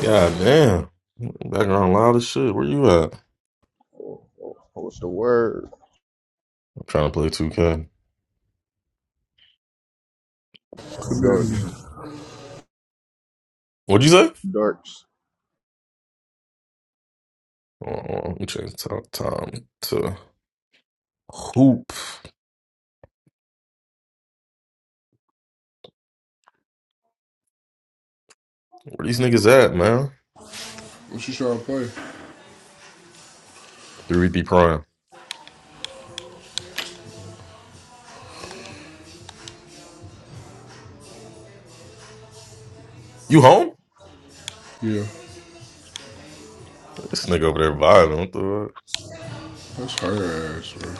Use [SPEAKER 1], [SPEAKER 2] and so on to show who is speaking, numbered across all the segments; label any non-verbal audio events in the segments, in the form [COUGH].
[SPEAKER 1] God damn. Background loud as shit. Where you at? I'm
[SPEAKER 2] What's the word?
[SPEAKER 1] trying to play 2K.
[SPEAKER 3] What you
[SPEAKER 2] Dirks.
[SPEAKER 1] What'd you say?
[SPEAKER 2] Dirks.
[SPEAKER 1] Hold on, let me change the top time to hoop. Where these niggas at, man?
[SPEAKER 3] when she started
[SPEAKER 1] 3D Prime. You home?
[SPEAKER 3] yeah,
[SPEAKER 1] This nigga over there vibing. What
[SPEAKER 3] that's her ass, bro.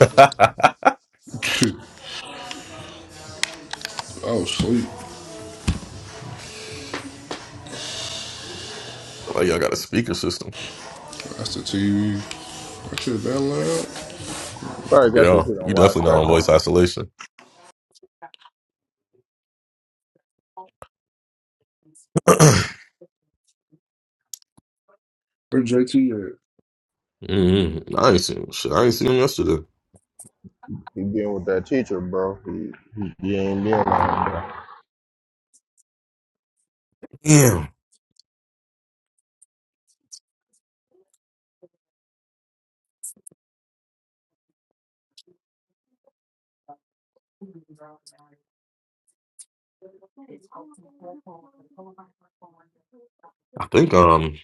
[SPEAKER 1] the fuck?
[SPEAKER 3] [LAUGHS] I was asleep.
[SPEAKER 1] [LAUGHS] so like y'all got a speaker system.
[SPEAKER 3] That's the TV. That shit that loud.
[SPEAKER 2] Probably got your
[SPEAKER 1] Yeah,
[SPEAKER 2] shit on
[SPEAKER 1] you
[SPEAKER 2] wide
[SPEAKER 1] definitely not on voice
[SPEAKER 2] spectrum.
[SPEAKER 1] isolation. [CLEARS THROAT]
[SPEAKER 3] Where JT
[SPEAKER 1] mm I ain't seen shit. I ain't seen him yesterday.
[SPEAKER 2] He been with that teacher, bro. He, he, he ain't been like,
[SPEAKER 1] Damn. I think um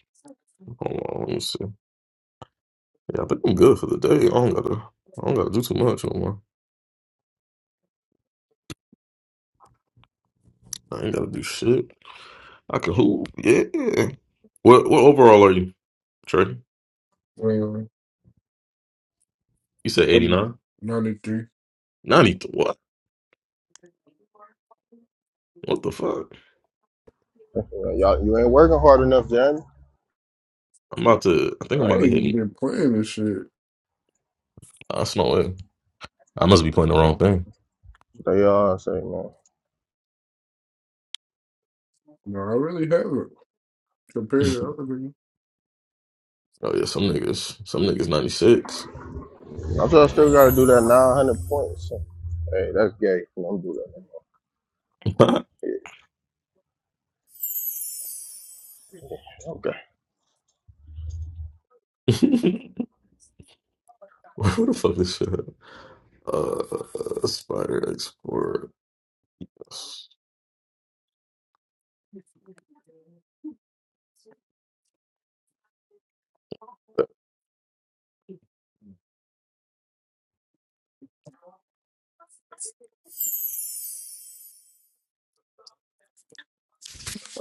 [SPEAKER 1] hold on, let me see. Yeah, I think I'm good for the day. I don't gotta I don't gotta do too much no more. I ain't gotta do shit. I can hoop. Yeah. What what overall are you, Trey?
[SPEAKER 3] at? Um,
[SPEAKER 1] You said
[SPEAKER 3] I'm
[SPEAKER 1] 89?
[SPEAKER 3] 93.
[SPEAKER 1] 93. What? What the fuck?
[SPEAKER 2] y'all, you ain't working hard enough, Jan.
[SPEAKER 1] I'm about to I think I'm
[SPEAKER 3] I
[SPEAKER 1] about to hit
[SPEAKER 3] ain't
[SPEAKER 1] me.
[SPEAKER 3] been playing this shit.
[SPEAKER 1] I smell it. I must be playing the wrong
[SPEAKER 2] Well,
[SPEAKER 1] thing.
[SPEAKER 2] They all say, man.
[SPEAKER 3] No, I really haven't. Compared
[SPEAKER 1] [LAUGHS]
[SPEAKER 3] to other niggas,
[SPEAKER 1] Oh yeah, some niggas. Some niggas 96.
[SPEAKER 2] I'm sure I still got to do that 900 points. Hey, that's gay. Don't do that.
[SPEAKER 1] [LAUGHS] Where
[SPEAKER 2] Yeah,
[SPEAKER 1] the fuck this shit at? Uh Spider Exports.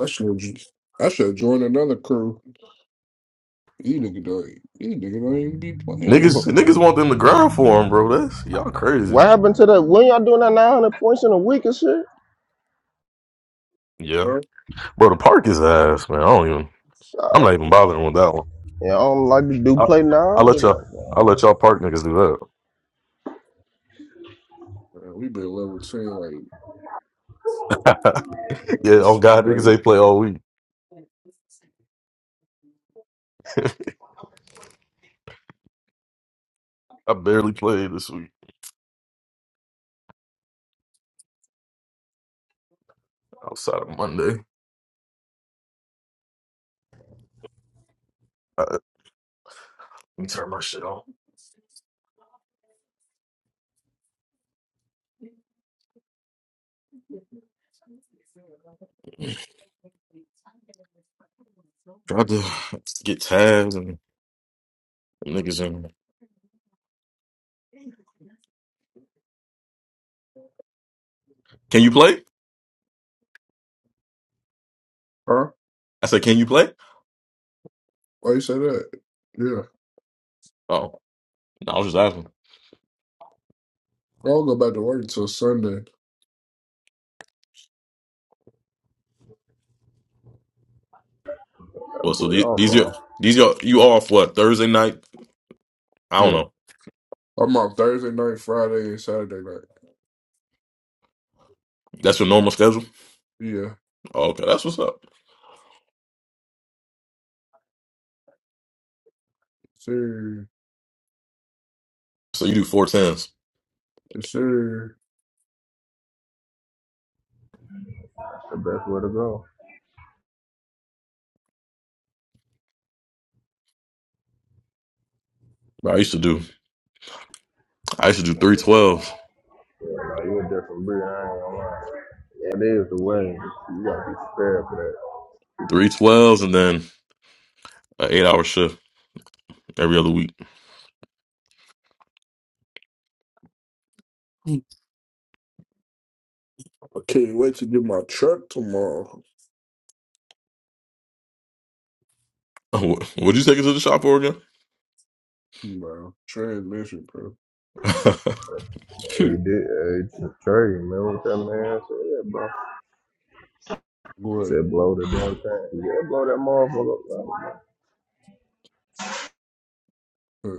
[SPEAKER 3] I should just. I should join another crew. You nigga don't. You nigga don't even be playing.
[SPEAKER 1] Niggas
[SPEAKER 2] okay.
[SPEAKER 1] niggas want them to grind for them, bro. That's y'all
[SPEAKER 2] [LAUGHS]
[SPEAKER 1] crazy.
[SPEAKER 2] what happened to that? When y'all doing that 900 points in a week and shit?
[SPEAKER 1] Yeah.
[SPEAKER 3] Huh?
[SPEAKER 1] Bro, the park is ass, man. I don't even I'm
[SPEAKER 2] Y'all,
[SPEAKER 1] not even bothering with that
[SPEAKER 2] y'all don't like to do
[SPEAKER 1] I'll,
[SPEAKER 2] play
[SPEAKER 1] I'll
[SPEAKER 2] now?
[SPEAKER 1] let y'all.
[SPEAKER 2] That
[SPEAKER 1] I'll let y'all park niggas do
[SPEAKER 3] Man, we been level ten like
[SPEAKER 1] that. [LAUGHS] yeah, on
[SPEAKER 3] it's
[SPEAKER 1] God, niggas
[SPEAKER 3] crazy.
[SPEAKER 1] ain't play all week. I barely played this week outside of Monday. Uh, let me turn my shit off. Tried to get tabs and niggas in. Can you play?
[SPEAKER 3] Huh?
[SPEAKER 1] I said, can you play?
[SPEAKER 3] Why you say that? Yeah.
[SPEAKER 1] Oh, no, I was just asking.
[SPEAKER 3] I don't go back to work until Sunday.
[SPEAKER 1] Well, so
[SPEAKER 2] boy
[SPEAKER 1] these,
[SPEAKER 2] off,
[SPEAKER 1] these are
[SPEAKER 2] uh,
[SPEAKER 1] these are you off what Thursday night? I don't
[SPEAKER 3] Yeah.
[SPEAKER 1] know.
[SPEAKER 3] I'm on Thursday night, Friday, and Saturday night.
[SPEAKER 1] That's your normal schedule.
[SPEAKER 3] Yeah.
[SPEAKER 1] Oh, okay, that's what's up.
[SPEAKER 3] Sir.
[SPEAKER 1] So you do four tens.
[SPEAKER 3] Yes, sir.
[SPEAKER 2] That's the best way to go.
[SPEAKER 1] I used to do. I used to do three twelves,
[SPEAKER 2] Yeah, Bro, you went there for Bree, I ain't gonna lie. That is the way. You gotta be prepared for that.
[SPEAKER 1] three twelves, and then an eight hour shift every other week.
[SPEAKER 3] Mm. I can't wait to get my truck tomorrow.
[SPEAKER 1] [LAUGHS] Oh, would you take it to the shop for again?
[SPEAKER 3] Bro. Transmission, bro.
[SPEAKER 1] [LAUGHS]
[SPEAKER 2] Hey, He
[SPEAKER 3] Shoot.
[SPEAKER 2] did. Uh, it's a trade, man. What that man said, yeah, bro. He
[SPEAKER 3] what?
[SPEAKER 2] Said blow the damn thing. Yeah, blow that motherfucker. up.
[SPEAKER 3] Uh, Let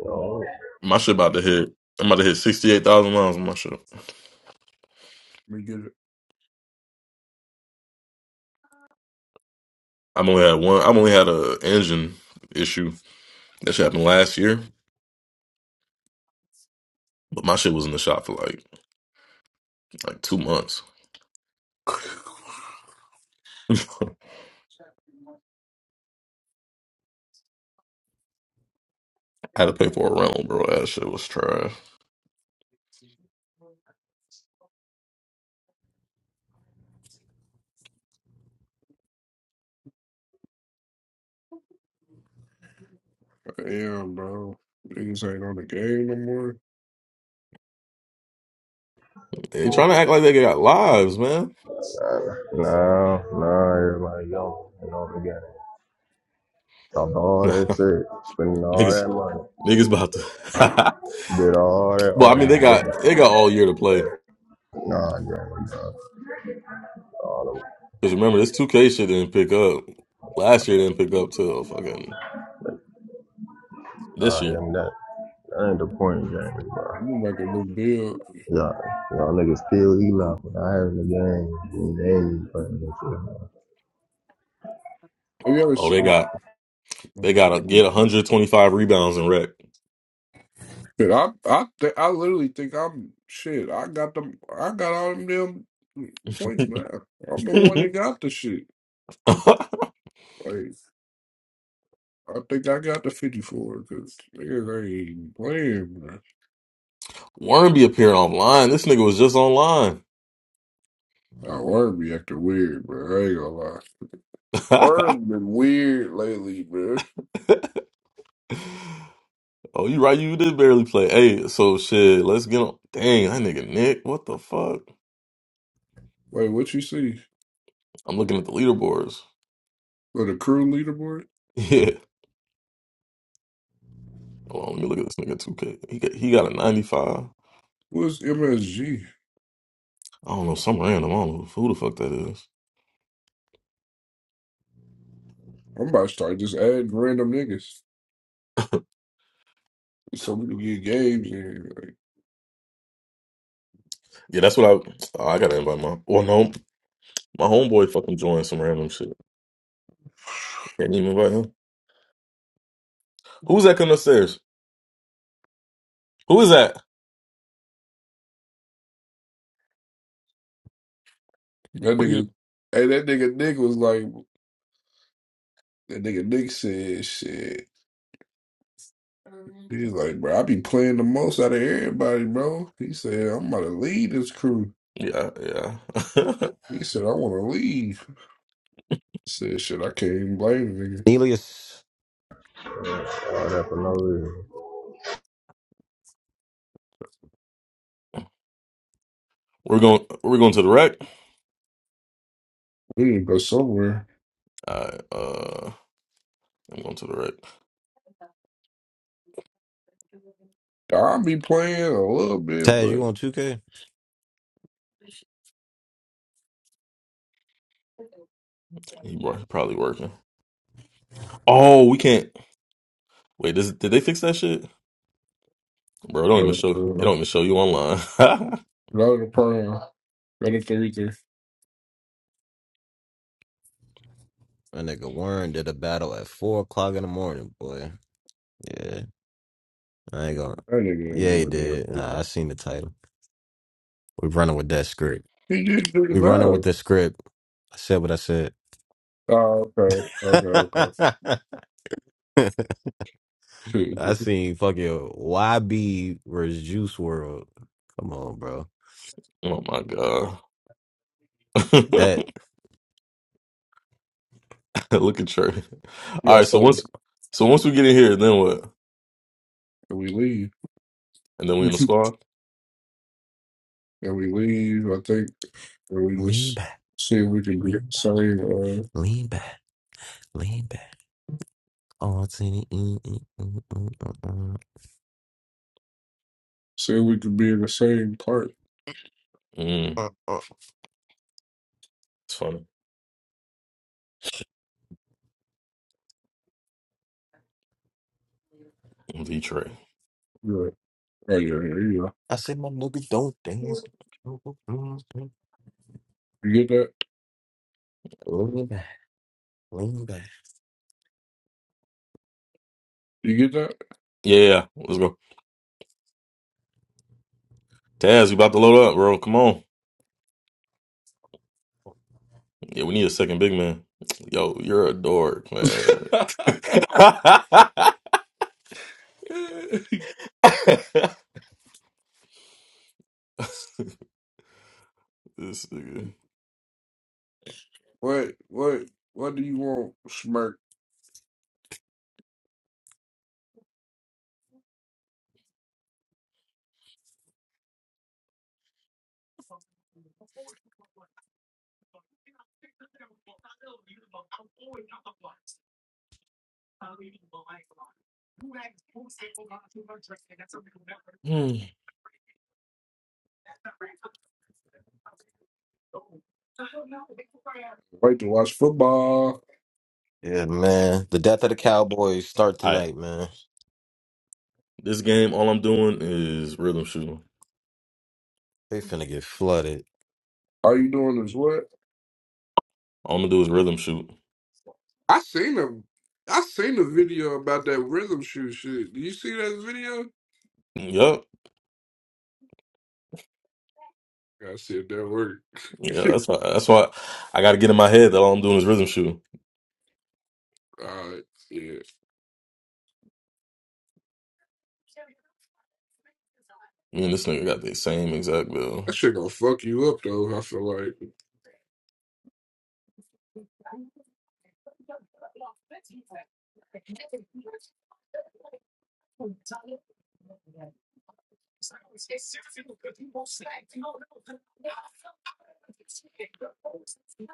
[SPEAKER 2] No,
[SPEAKER 1] my shit about to hit. I'm about to hit sixty eight thousand miles on my shit.
[SPEAKER 3] me get it.
[SPEAKER 1] I've only had one. I've only had a engine issue that shit happened last year, but my shit was in the shop for like like two months.
[SPEAKER 3] [LAUGHS]
[SPEAKER 1] [LAUGHS] I had to pay for a rental, bro. That shit was trash.
[SPEAKER 3] Damn, bro. Niggas ain't on the game no more.
[SPEAKER 1] They trying to act like they got lives, man.
[SPEAKER 2] no, no. Everybody young and all together. Talked
[SPEAKER 1] [LAUGHS]
[SPEAKER 2] all that shit, spending all
[SPEAKER 1] niggas,
[SPEAKER 2] that money,
[SPEAKER 1] niggas about to.
[SPEAKER 2] did all that
[SPEAKER 1] [LAUGHS] well, I mean, they
[SPEAKER 2] arguing.
[SPEAKER 1] got they
[SPEAKER 2] Just,
[SPEAKER 1] got all year to play.
[SPEAKER 2] nah, Jamie, bro. All them,
[SPEAKER 1] Cause remember, this two K shit didn't pick up last year. Didn't pick up till fucking this
[SPEAKER 2] nah,
[SPEAKER 1] year.
[SPEAKER 2] them that. That ain't the point, Jamie, bro.
[SPEAKER 3] I'm gonna make a new build.
[SPEAKER 2] Y'all, y'all niggas still eating off of the air in the game. And They ain't even playing that
[SPEAKER 3] Have you ever
[SPEAKER 1] Oh, they
[SPEAKER 3] seen?
[SPEAKER 1] got They gotta get 125 rebounds and wreck.
[SPEAKER 3] Shit, I I th- I literally think I'm shit. I got them. I got all them damn points now. I'm the one that got the shit.
[SPEAKER 1] [LAUGHS]
[SPEAKER 3] Like I think I got the fifty four because niggas ain't even playing, bro.
[SPEAKER 1] Wormby appearing online. This nigga was just online.
[SPEAKER 3] I worm be acting weird, bro. I ain't gonna lie.
[SPEAKER 1] [LAUGHS]
[SPEAKER 3] Worm been weird lately, bro.
[SPEAKER 1] oh, you right. You did barely play. Hey, so shit. Let's get on. Dang, that nigga Nick. What the fuck?
[SPEAKER 3] Wait, what you see?
[SPEAKER 1] I'm looking at the leaderboards. [LAUGHS]
[SPEAKER 3] For the crew leaderboard?
[SPEAKER 1] Yeah. Hold on. Let me look at this nigga 2K. He got, he got a 95. I
[SPEAKER 3] What's MSG?
[SPEAKER 1] don't know. Some random. I don't know who the fuck that is.
[SPEAKER 3] I'm about to start just adding random niggas so we can get games. And
[SPEAKER 1] Yeah, that's what I. oh, I gotta invite my. Well, no, my homeboy fucking joined some random shit. Can't even invite him. Who's that coming upstairs? Who is that?
[SPEAKER 3] that nigga, hey, that nigga Nick was like. That nigga Nick said shit. He's like, bro, I be playing the most out of everybody, bro. He said, I'm about to leave this crew.
[SPEAKER 1] Yeah, yeah. [LAUGHS]
[SPEAKER 3] He said, I want to leave. He said, shit, I can't even blame the nigga.
[SPEAKER 4] Nelius,
[SPEAKER 2] shit. All that for no reason.
[SPEAKER 1] we're going. We're going to the rec.
[SPEAKER 3] We need to go somewhere.
[SPEAKER 1] I uh, I'm going to the rec.
[SPEAKER 3] I'll be playing a little bit,
[SPEAKER 4] Taz,
[SPEAKER 3] but
[SPEAKER 4] you on 2K?
[SPEAKER 1] He, wor- he probably working. Oh, we can't. Wait, this, did they fix that shit, bro? It don't even
[SPEAKER 3] uh,
[SPEAKER 1] show. It
[SPEAKER 3] uh,
[SPEAKER 1] don't even show you online. [LAUGHS]
[SPEAKER 3] not in the prime, not in Thursday.
[SPEAKER 4] My nigga Warren did a battle at 4 o'clock in the morning, boy. Yeah, I ain't gonna.
[SPEAKER 3] That nigga ain't
[SPEAKER 4] Yeah, he
[SPEAKER 3] doing that,
[SPEAKER 4] did. Nah,
[SPEAKER 3] bro.
[SPEAKER 4] I seen the title. We running with that script.
[SPEAKER 3] He just did his
[SPEAKER 4] We running with
[SPEAKER 3] job.
[SPEAKER 4] the script. I said what I said.
[SPEAKER 3] Oh, okay, okay,
[SPEAKER 4] [LAUGHS]
[SPEAKER 3] okay.
[SPEAKER 4] I
[SPEAKER 3] [LAUGHS]
[SPEAKER 4] seen fucking YB versus Juice World. Come on, bro.
[SPEAKER 1] oh my god.
[SPEAKER 4] Bet.
[SPEAKER 1] [LAUGHS] Look at Trey. All
[SPEAKER 3] yeah,
[SPEAKER 1] right, so
[SPEAKER 3] so
[SPEAKER 1] once, so once we get in here, then what?
[SPEAKER 3] we leave.
[SPEAKER 1] And then we in
[SPEAKER 3] [LAUGHS]
[SPEAKER 1] the squad.
[SPEAKER 3] and we leave, I think, and we
[SPEAKER 4] Lean
[SPEAKER 3] just
[SPEAKER 4] back,
[SPEAKER 3] see if we can be the
[SPEAKER 4] lean back,
[SPEAKER 3] same, uh,
[SPEAKER 4] lean back, lean back. All to the mm, mm, mm, mm, mm,
[SPEAKER 3] see if we can be in the same part.
[SPEAKER 1] Mm,
[SPEAKER 4] mm.
[SPEAKER 1] it's funny. V Trey.
[SPEAKER 3] Yeah. Oh, yeah, yeah, yeah.
[SPEAKER 4] I said my nigga don't dance.
[SPEAKER 3] You get that?
[SPEAKER 4] Lean back, lean back.
[SPEAKER 3] You get that?
[SPEAKER 1] Yeah, yeah, yeah. let's go. Taz, you about to load up, bro? Come on. Yeah, we need a second big man. Yo, you're a dork, man. [LAUGHS] this
[SPEAKER 3] [LAUGHS]
[SPEAKER 1] nigga.
[SPEAKER 3] What, what, what do you want, Smirk?
[SPEAKER 1] Hmm.
[SPEAKER 3] Like to watch football?
[SPEAKER 4] Yeah, man. The death of the Cowboys start
[SPEAKER 1] All right.
[SPEAKER 4] tonight, man.
[SPEAKER 1] This game, all I'm doing is rhythm shooting.
[SPEAKER 4] They finna get flooded.
[SPEAKER 3] All you doing is what?
[SPEAKER 1] All I'm gonna do is rhythm shoot.
[SPEAKER 3] I seen him. I seen the video about that rhythm shoe shit. Do you see that video?
[SPEAKER 1] Yup.
[SPEAKER 3] Yeah, I said that work.
[SPEAKER 1] Yeah, that's
[SPEAKER 3] [LAUGHS]
[SPEAKER 1] why. That's why I got to get in my head that all I'm doing is rhythm shooting.
[SPEAKER 3] All right, yeah.
[SPEAKER 1] Me and this nigga got the same exact bill.
[SPEAKER 3] That shit gonna fuck you up though. I feel like.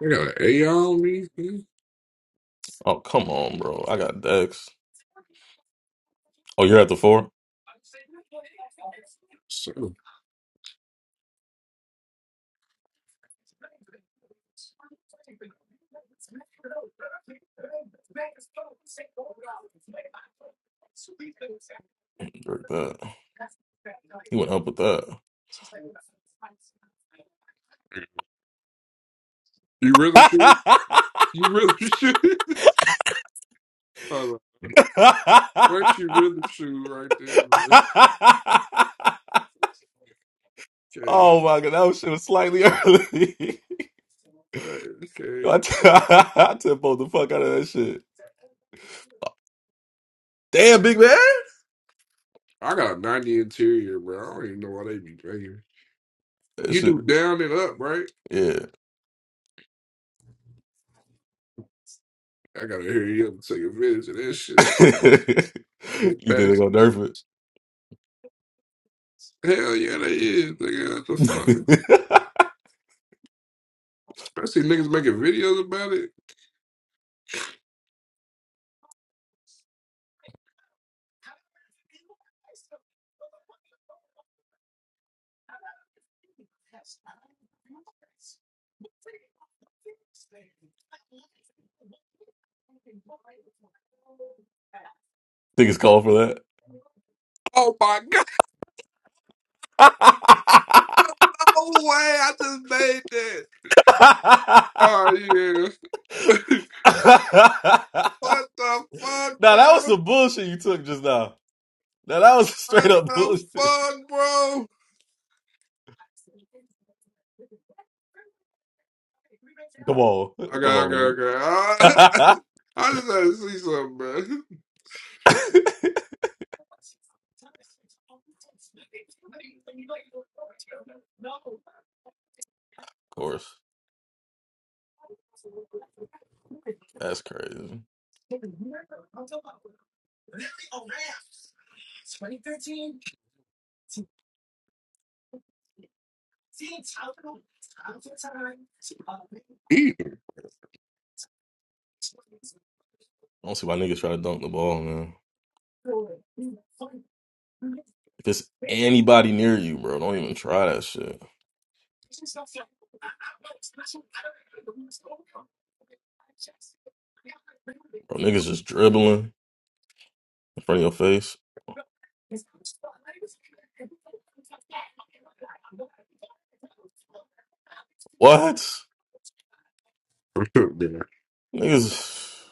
[SPEAKER 3] I got an A on me. man.
[SPEAKER 1] Oh come on, bro. I got Dex. Oh, you're at the four.
[SPEAKER 3] So,
[SPEAKER 1] Break that. He went up with that.
[SPEAKER 3] you rhythm shoe? You rhythm shoe? [LAUGHS] Hold on. What's your
[SPEAKER 1] [LAUGHS]
[SPEAKER 3] rhythm shoe right there, man? Okay.
[SPEAKER 1] oh my god, that shit was slightly early. [LAUGHS]
[SPEAKER 3] Alright, Okay.
[SPEAKER 1] I t- [LAUGHS] I tempo the fuck out of that shit. Damn, big man.
[SPEAKER 3] I got a 90 interior, bro. I don't even know why they be drinking.
[SPEAKER 1] That
[SPEAKER 3] You
[SPEAKER 1] shit,
[SPEAKER 3] do down and up, right?
[SPEAKER 1] yeah. [LAUGHS]
[SPEAKER 3] I gotta hear you up and take advantage of that shit. Are they
[SPEAKER 1] you think they
[SPEAKER 3] patch?
[SPEAKER 1] gonna nerf it?
[SPEAKER 3] Hell yeah, they is. Nigga, what the fuck?
[SPEAKER 1] [LAUGHS]
[SPEAKER 3] I see niggas making videos about it.
[SPEAKER 1] think it's called for that?
[SPEAKER 3] Oh my [LAUGHS] god,
[SPEAKER 1] [LAUGHS]
[SPEAKER 3] no way, I just made that. Oh yeah. [LAUGHS] what the fuck,
[SPEAKER 1] now that was
[SPEAKER 3] bro?
[SPEAKER 1] some bullshit you took just now. Now that was [LAUGHS] straight
[SPEAKER 3] What
[SPEAKER 1] up
[SPEAKER 3] the
[SPEAKER 1] bullshit.
[SPEAKER 3] fuck, bro?
[SPEAKER 1] Come on,
[SPEAKER 3] Okay,
[SPEAKER 1] come
[SPEAKER 3] okay,
[SPEAKER 1] on,
[SPEAKER 3] okay. I, [LAUGHS]
[SPEAKER 1] nigga.
[SPEAKER 3] I just had to see something, man.
[SPEAKER 1] [LAUGHS] of course, that's crazy. I
[SPEAKER 3] [LAUGHS]
[SPEAKER 1] don't see why niggas try to dunk the ball, man. If it's anybody near you, bro, don't even try that shit. Bro, niggas just dribbling in front of your face. What? Niggas,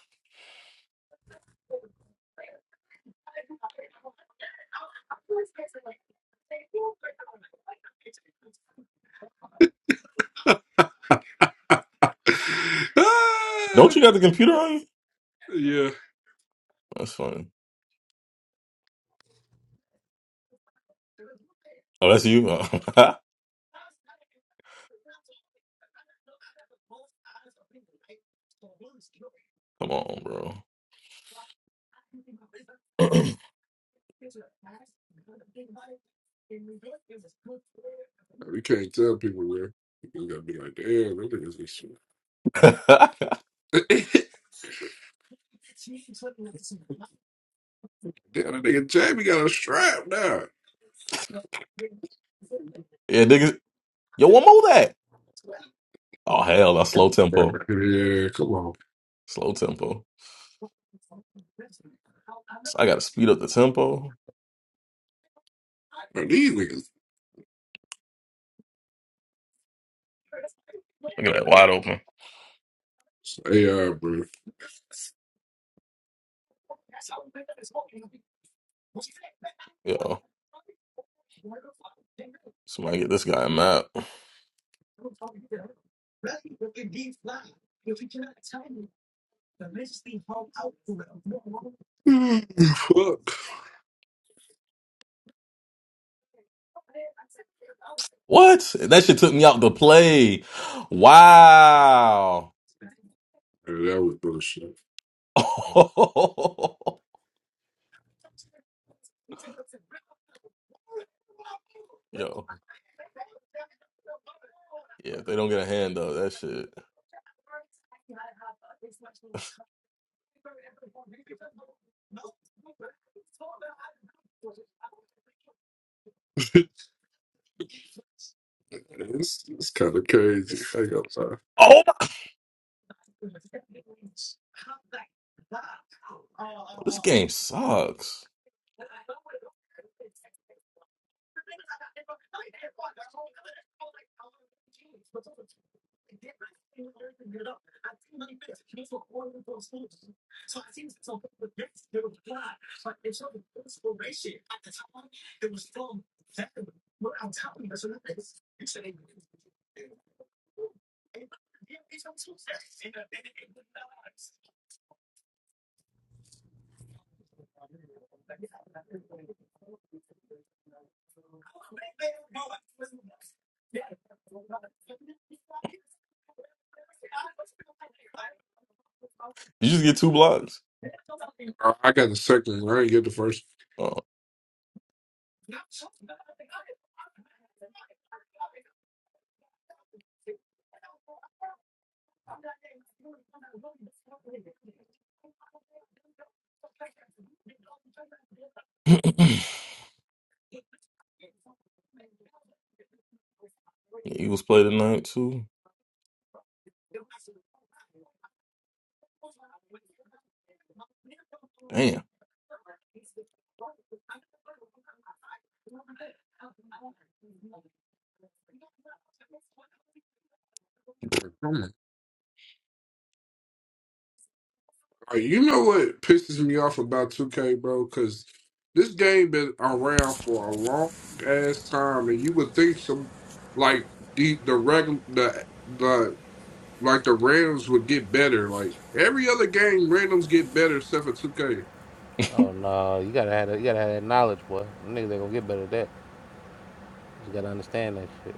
[SPEAKER 3] [LAUGHS]
[SPEAKER 1] don't you got the computer on you?
[SPEAKER 3] yeah.
[SPEAKER 1] That's funny. Oh, that's you? Oh, [LAUGHS] Come on, bro. [LAUGHS]
[SPEAKER 3] Nah, We can't tell people, where. You gotta be like, damn, that nigga's this shit.
[SPEAKER 1] [CLEARS THROAT]
[SPEAKER 3] [LAUGHS] damn, that nigga Jamie got a strap now.
[SPEAKER 1] yeah, niggas. Yo, one more that. Oh, hell, that's slow
[SPEAKER 3] [LAUGHS]
[SPEAKER 1] tempo.
[SPEAKER 3] Yeah, come on.
[SPEAKER 1] Slow tempo. So I gotta speed up the tempo.
[SPEAKER 3] Man, these niggas
[SPEAKER 1] Look at that wide open.
[SPEAKER 3] AI, bro.
[SPEAKER 1] Yo, somebody get this guy a map.
[SPEAKER 3] [SIGHS] Fuck.
[SPEAKER 1] What? That shit took me out the play. Wow.
[SPEAKER 3] Yeah, that was bullshit.
[SPEAKER 1] [LAUGHS] Yo, yeah, if they don't get a hand up, that shit.
[SPEAKER 3] [LAUGHS] it's it's kind of crazy. I got time.
[SPEAKER 1] Oh my! This game sucks. You just get two blocks.
[SPEAKER 3] I I got the second one. I didn't get the first
[SPEAKER 1] Oh. [CLEARS THROAT] The Eagles play tonight too. Damn,
[SPEAKER 3] one. Come on. Like, you know what pisses me off about 2K, bro? Because this game been around for a long ass time, and you would think some like the the regular the the like the randoms would get better. Like every other game, randoms get better except for 2K.
[SPEAKER 1] [LAUGHS] bro,
[SPEAKER 5] Oh no, you gotta have that, you gotta have that knowledge, boy. Them Niggas ain't gonna get better at that. You gotta understand that shit.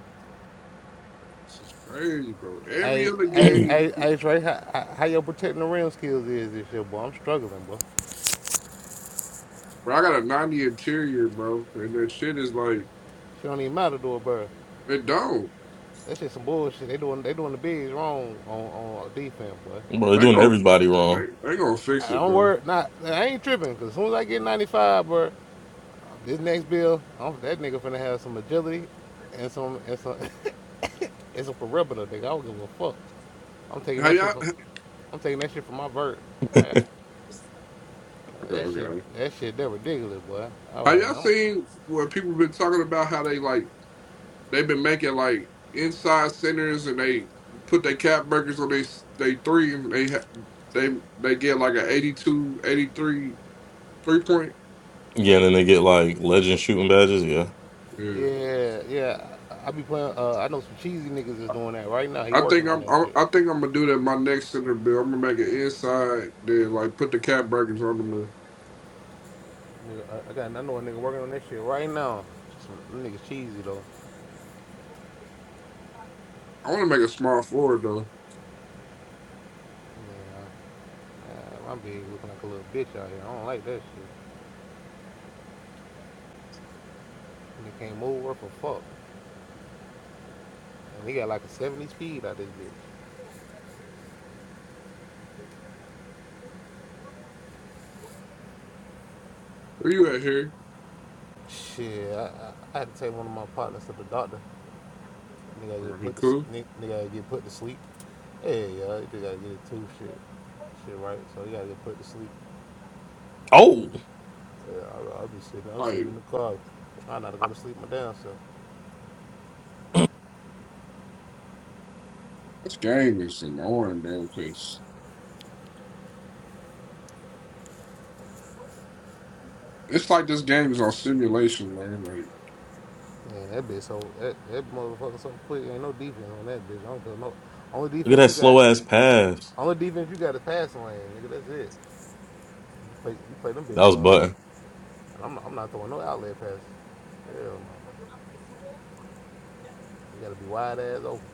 [SPEAKER 3] This is crazy, bro. Every
[SPEAKER 5] Hey,
[SPEAKER 3] other
[SPEAKER 5] hey,
[SPEAKER 3] game,
[SPEAKER 5] hey, hey, Trey, how, how how your protecting the rim skills is this year, boy? I'm struggling, boy.
[SPEAKER 3] bro, I got a 90 interior, bro. And that shit is like,
[SPEAKER 5] Shit don't even matter to a bird.
[SPEAKER 3] it don't.
[SPEAKER 5] That shit some bullshit. They doing, they doing the bigs wrong on on defense, boy.
[SPEAKER 1] they're
[SPEAKER 3] They
[SPEAKER 1] doing
[SPEAKER 3] gon'
[SPEAKER 1] everybody
[SPEAKER 3] they,
[SPEAKER 1] wrong.
[SPEAKER 3] they gonna fix
[SPEAKER 5] I
[SPEAKER 3] it,
[SPEAKER 5] don't
[SPEAKER 3] bro.
[SPEAKER 5] worry, not I ain't tripping, cause as soon as I get 95, bro, this next bill, I'm, that nigga finna have some agility and some and some [LAUGHS] and some perimeter, nigga. I don't give a fuck. I'm taking
[SPEAKER 3] How
[SPEAKER 5] that
[SPEAKER 3] y'all
[SPEAKER 5] shit from, I'm taking that shit from my vert. Hey,
[SPEAKER 3] okay,
[SPEAKER 5] That shit,
[SPEAKER 3] okay.
[SPEAKER 5] that shit, that ridiculous, boy. I
[SPEAKER 3] How
[SPEAKER 5] was like,
[SPEAKER 3] y'all
[SPEAKER 5] man, I'm,
[SPEAKER 3] seen what people been talking about how they like they've been making like inside centers and they put their cap breakers on they they three and they ha- they they get like an 82, three point.
[SPEAKER 1] Yeah, and then they get like legend shooting badges. Yeah.
[SPEAKER 3] Yeah.
[SPEAKER 5] yeah, yeah. I be playing. Uh, I know some cheesy niggas is doing that right now. He
[SPEAKER 3] I think
[SPEAKER 5] working on
[SPEAKER 3] I'm.
[SPEAKER 5] that
[SPEAKER 3] I,
[SPEAKER 5] shit.
[SPEAKER 3] I think I'm gonna do that. My next center bill. I'm gonna make it inside. Then like put the cap brackets on them. and-
[SPEAKER 5] Nigga, I, I got, I know a nigga working on that shit right now. Some them niggas cheesy though.
[SPEAKER 3] I want to make a small forward though.
[SPEAKER 5] Yeah, I, I'm big looking like a little bitch out here. I don't like that shit. Nigga can't move worth a fuck. And he got like a 70 speed out this bitch.
[SPEAKER 3] Where you at here?
[SPEAKER 5] Shit, I, I, I had to take one of my partners to the doctor. Nigga
[SPEAKER 3] Uh,
[SPEAKER 5] get
[SPEAKER 3] he
[SPEAKER 5] put to
[SPEAKER 3] cool.
[SPEAKER 5] nigga get put to sleep. Yeah, yeah, you gotta get it too. Shit, shit, right? So you gotta get put to sleep.
[SPEAKER 1] Oh,
[SPEAKER 5] Yeah, I, I'll be sitting. I'm sitting
[SPEAKER 3] Like
[SPEAKER 5] in the car, trying not to go to sleep. My damn self.
[SPEAKER 3] this game is annoying, man. Cause it's like this game is on simulation, man. Like
[SPEAKER 5] Man, that bitch so that, that motherfucker so quick. Ain't no defense on that bitch. I don't feel no. Only
[SPEAKER 1] look at
[SPEAKER 5] defense
[SPEAKER 1] that
[SPEAKER 5] you got.
[SPEAKER 1] slow ass pass.
[SPEAKER 5] Only defense you got is passing lane, nigga. That's it. You play, you play them
[SPEAKER 1] That
[SPEAKER 5] bitches
[SPEAKER 1] was
[SPEAKER 5] all that.
[SPEAKER 1] button.
[SPEAKER 5] And I'm, I'm not throwing no outlet passes. Hell no. You gotta be wide ass open.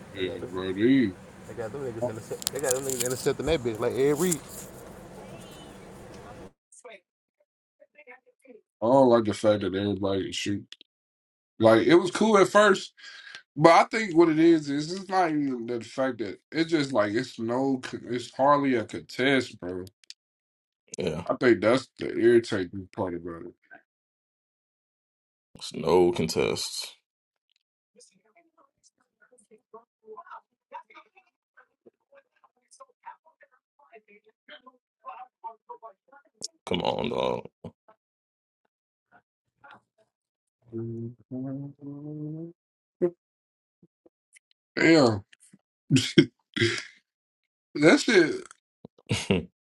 [SPEAKER 5] They got
[SPEAKER 3] yeah,
[SPEAKER 5] them,
[SPEAKER 3] bro. Dude,
[SPEAKER 5] they got them
[SPEAKER 3] I
[SPEAKER 5] niggas intercept. They got them niggas intercepting that bitch like every
[SPEAKER 3] don't like the fact that everybody shoot. Like it was cool at first, but I think what it is is it's not even the fact that it's just like it's no. It's hardly a contest, bro.
[SPEAKER 1] Yeah,
[SPEAKER 3] I think that's the irritating part about it.
[SPEAKER 1] it's no contest. Come on, dog.
[SPEAKER 3] Damn. [LAUGHS] That shit,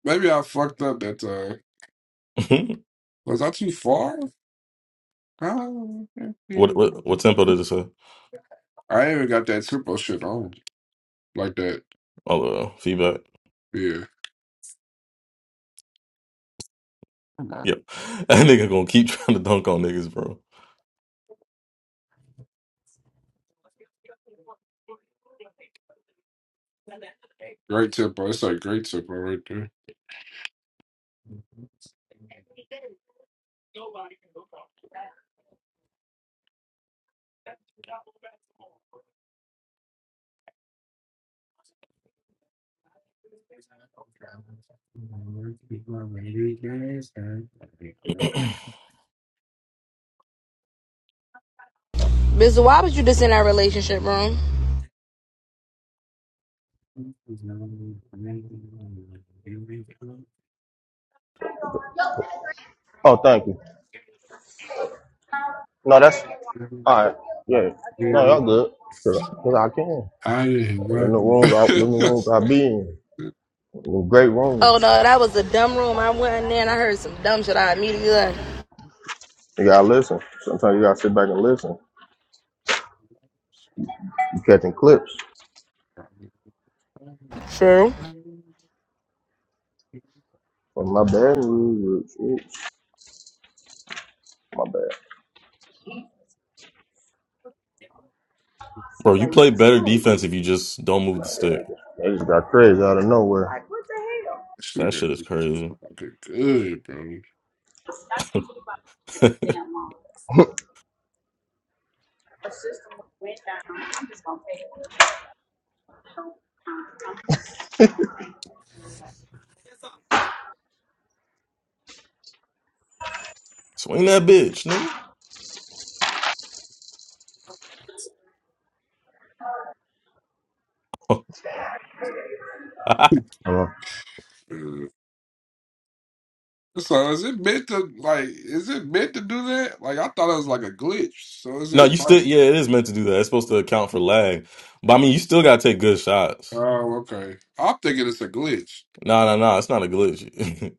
[SPEAKER 3] maybe I fucked up that time.
[SPEAKER 1] [LAUGHS]
[SPEAKER 3] Was I too far? Oh,
[SPEAKER 1] what
[SPEAKER 3] okay.
[SPEAKER 1] what what tempo did it say?
[SPEAKER 3] I even got that tempo shit on like that.
[SPEAKER 1] All the uh, feedback.
[SPEAKER 3] Yeah,
[SPEAKER 1] Yep. [LAUGHS] That nigga gonna keep [LAUGHS] trying to dunk on niggas, bro.
[SPEAKER 3] great tempo. It's like great tempo right there.
[SPEAKER 6] Mister, why was you just in that relationship room?
[SPEAKER 2] Oh, thank you. No, that's all right. Yeah. No, y'all good. Cause, I- cause I can.
[SPEAKER 3] I didn't
[SPEAKER 2] Them
[SPEAKER 3] rock.
[SPEAKER 2] the
[SPEAKER 3] [LAUGHS]
[SPEAKER 2] rooms, I, them the rooms
[SPEAKER 3] this
[SPEAKER 2] I be in. Them great
[SPEAKER 6] Oh
[SPEAKER 2] rooms.
[SPEAKER 6] no, that was a dumb room. I went in there and I heard some dumb shit. I immediately left.
[SPEAKER 2] You gotta listen. Sometimes you gotta sit back and listen. You catching clips.
[SPEAKER 6] True.
[SPEAKER 2] But my bad, oops, oops, my bad.
[SPEAKER 1] Bro, you play better defense if you just don't move the stick.
[SPEAKER 2] They just got crazy out of nowhere. Like, what the
[SPEAKER 1] That
[SPEAKER 3] nigga,
[SPEAKER 1] shit is crazy.
[SPEAKER 3] fucking good, bro.
[SPEAKER 1] [LAUGHS] Swing that bitch, nigga. [LAUGHS]
[SPEAKER 2] hell? Uh,
[SPEAKER 3] Uh, so is it meant to like? Is it meant to do that? Like I thought it was like a glitch. So is
[SPEAKER 1] no, you
[SPEAKER 3] it like?
[SPEAKER 1] still yeah, it is meant to do that. It's supposed to account for lag. But I mean you still gotta take good shots.
[SPEAKER 3] Oh, okay. I'm thinking it's a glitch.
[SPEAKER 1] No, no, no. it's not a glitch.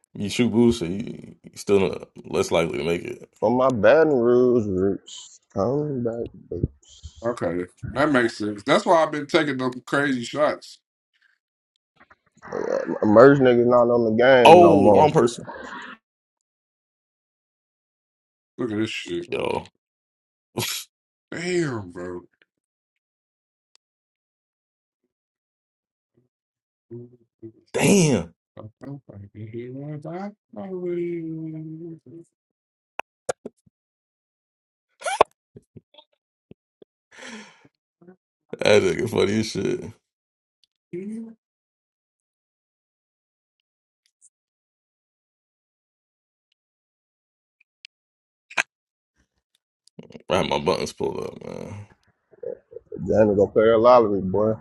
[SPEAKER 1] [LAUGHS] you shoot bullshit, you, you still less likely to make it.
[SPEAKER 2] for my Baton Rouge roots, coming back.
[SPEAKER 3] Okay, that makes sense. That's why I've been taking them crazy shots.
[SPEAKER 2] Merge niggas not on the game no
[SPEAKER 1] Oh,
[SPEAKER 2] more.
[SPEAKER 1] wrong person.
[SPEAKER 3] Look at this shit.
[SPEAKER 1] Yo.
[SPEAKER 3] Damn, bro. [LAUGHS]
[SPEAKER 1] Damn.
[SPEAKER 3] I hope I can hear my body.
[SPEAKER 1] That nigga funny as shit. I had my buttons pulled up, man.
[SPEAKER 2] Johnny go play a lottery, boy.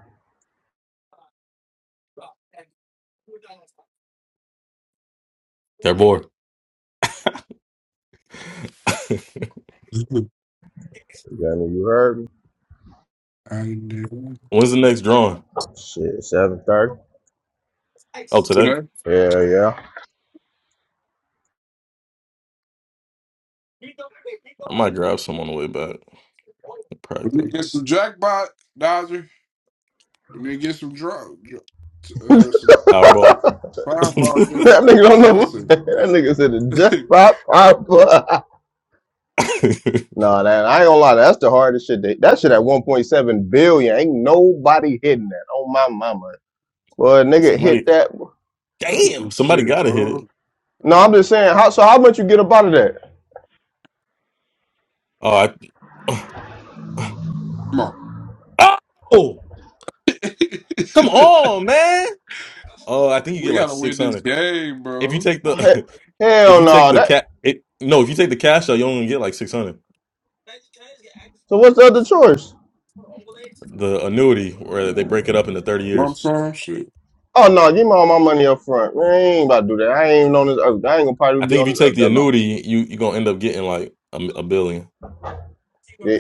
[SPEAKER 1] They're bored. [LAUGHS]
[SPEAKER 2] Johnny, you heard me?
[SPEAKER 3] I knew. it.
[SPEAKER 1] When's the next drawing?
[SPEAKER 2] Shit, 730.
[SPEAKER 1] Oh, today?
[SPEAKER 3] Today,
[SPEAKER 2] Hell yeah. [LAUGHS]
[SPEAKER 1] I might grab some on the way back.
[SPEAKER 3] we need to
[SPEAKER 1] Practice.
[SPEAKER 3] get some jackpot, Dodger. We need to get some drug, uh, some
[SPEAKER 1] Powerball.
[SPEAKER 3] fireball nigga.
[SPEAKER 2] That nigga don't know
[SPEAKER 3] I
[SPEAKER 2] what [LAUGHS]
[SPEAKER 3] said,
[SPEAKER 2] that nigga said the
[SPEAKER 3] [LAUGHS]
[SPEAKER 2] jackpot pop. [LAUGHS]
[SPEAKER 1] [LAUGHS]
[SPEAKER 2] Nah, that I ain't gonna lie, that's the hardest shit. That, that shit at 1.7 billion. Ain't nobody hitting that. Oh my mama. Well, nigga hit
[SPEAKER 1] somebody
[SPEAKER 2] that.
[SPEAKER 3] look at
[SPEAKER 1] damn,
[SPEAKER 3] this
[SPEAKER 1] somebody
[SPEAKER 3] shit,
[SPEAKER 1] gotta hit it.
[SPEAKER 3] bro.
[SPEAKER 2] No,
[SPEAKER 3] Like,
[SPEAKER 2] I'm just saying. How so? How much you get up out of that?
[SPEAKER 1] Oh, I,
[SPEAKER 3] come on,
[SPEAKER 1] [SIGHS] oh, come on, man. Oh, I think you get
[SPEAKER 3] we
[SPEAKER 1] like
[SPEAKER 3] gotta
[SPEAKER 1] six
[SPEAKER 3] win this
[SPEAKER 1] hundred
[SPEAKER 3] game,
[SPEAKER 1] if you
[SPEAKER 3] bro.
[SPEAKER 1] take the [LAUGHS]
[SPEAKER 2] He-
[SPEAKER 1] if
[SPEAKER 2] Hell
[SPEAKER 1] you take
[SPEAKER 2] no.
[SPEAKER 1] the
[SPEAKER 2] That.
[SPEAKER 1] cat. It no, if you take the cash out, you only get like six hundred.
[SPEAKER 2] So what's the other choice?
[SPEAKER 1] The annuity where they break it up into thirty
[SPEAKER 3] Lump
[SPEAKER 1] years.
[SPEAKER 3] sum shit.
[SPEAKER 2] Oh no, give me all my money up front. Man, I ain't about to do that. I ain't even on this earth. I ain't gonna probably
[SPEAKER 1] I
[SPEAKER 2] be
[SPEAKER 1] think if
[SPEAKER 2] on
[SPEAKER 1] you
[SPEAKER 2] this
[SPEAKER 1] take
[SPEAKER 2] earth
[SPEAKER 1] the
[SPEAKER 2] that long.
[SPEAKER 1] annuity, you you gonna end up getting like a, m- a billion.
[SPEAKER 2] Yeah.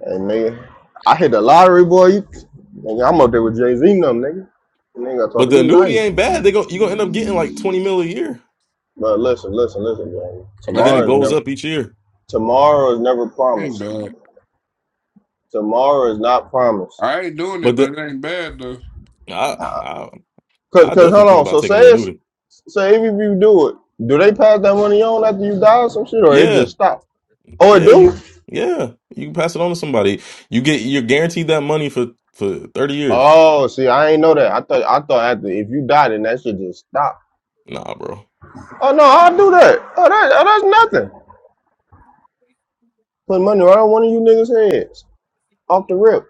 [SPEAKER 2] Hey nigga. I hit the lottery, boy. You, nigga, I'm up there with Jay Z and them, nigga. Nigga talk
[SPEAKER 1] But
[SPEAKER 2] to
[SPEAKER 1] the
[SPEAKER 2] me
[SPEAKER 1] annuity
[SPEAKER 2] nice.
[SPEAKER 1] ain't bad. They go you gonna end up getting like twenty mil a year,
[SPEAKER 2] But listen, listen, listen, man.
[SPEAKER 1] and then
[SPEAKER 3] That
[SPEAKER 1] it
[SPEAKER 2] Tomorrow is
[SPEAKER 3] ain't
[SPEAKER 1] goes
[SPEAKER 3] bad.
[SPEAKER 2] never
[SPEAKER 1] up each year.
[SPEAKER 2] tomorrow is never
[SPEAKER 3] That ain't
[SPEAKER 2] promised.
[SPEAKER 3] bad.
[SPEAKER 2] Tomorrow is not promised.
[SPEAKER 3] I ain't doing
[SPEAKER 1] But
[SPEAKER 3] it, but
[SPEAKER 1] the
[SPEAKER 3] it ain't bad though.
[SPEAKER 1] I
[SPEAKER 2] uh
[SPEAKER 1] I
[SPEAKER 2] Cause,
[SPEAKER 1] I
[SPEAKER 2] cause
[SPEAKER 1] definitely
[SPEAKER 2] hold
[SPEAKER 1] think
[SPEAKER 2] on.
[SPEAKER 1] about
[SPEAKER 2] So
[SPEAKER 1] taking
[SPEAKER 2] say
[SPEAKER 1] the
[SPEAKER 2] it's
[SPEAKER 1] annuity.
[SPEAKER 2] say if you do it, do they pass that money on after you die or some shit or it
[SPEAKER 1] Yeah,
[SPEAKER 2] just stop? Oh it
[SPEAKER 1] Yeah,
[SPEAKER 2] do?
[SPEAKER 1] you, yeah, you can pass it on to somebody. You get you're guaranteed that money for for 30 years.
[SPEAKER 2] Oh, see, I ain't know that. I thought I thought after if you die, then that shit just stop.
[SPEAKER 1] Nah, bro.
[SPEAKER 2] Oh no, I'll do that. Oh, that oh, that's nothing. Put money right on one of you niggas' heads off the rip.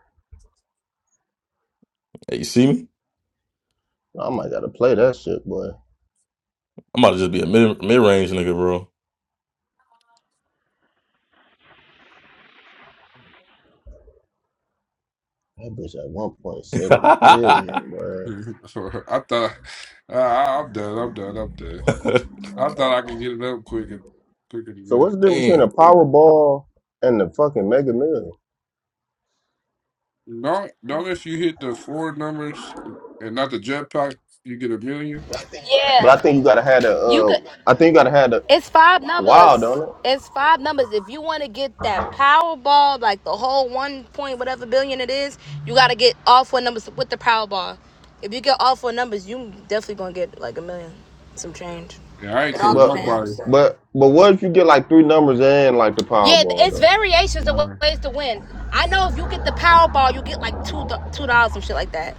[SPEAKER 1] Hey, you see me?
[SPEAKER 2] I might gotta play that shit, boy.
[SPEAKER 1] I'm about to just be a mid mid range nigga, bro.
[SPEAKER 2] That bitch at one point seven
[SPEAKER 1] [LAUGHS]
[SPEAKER 2] billion, boy.
[SPEAKER 3] [LAUGHS] I thought uh, I'm done. I'm done. I'm done. I thought I could get it up quick and quicker than
[SPEAKER 2] So
[SPEAKER 3] that.
[SPEAKER 2] what's the difference between a
[SPEAKER 1] Damn.
[SPEAKER 2] Powerball and the fucking Mega Million?
[SPEAKER 3] Don't don't if you hit the four numbers and not the jetpack, you get a million.
[SPEAKER 6] Yeah,
[SPEAKER 2] But I think you gotta have the
[SPEAKER 6] you
[SPEAKER 2] uh,
[SPEAKER 6] could.
[SPEAKER 2] I think you gotta have the
[SPEAKER 6] It's five
[SPEAKER 2] wild
[SPEAKER 6] numbers.
[SPEAKER 2] on it.
[SPEAKER 6] It's five numbers. If you want to get that Powerball, like the whole one point whatever billion it is, you gotta get all four numbers with the Powerball. If you get all four numbers, you definitely gonna get like a million, some change.
[SPEAKER 3] And I ain't
[SPEAKER 6] It all
[SPEAKER 3] telling
[SPEAKER 2] But
[SPEAKER 6] depends.
[SPEAKER 3] nobody.
[SPEAKER 2] but but what if you get like three numbers and like the
[SPEAKER 6] Yeah,
[SPEAKER 2] Powerball though?
[SPEAKER 6] it's variations of ways to win. I know if you get the Powerball, you get like two two dollars, some shit like that,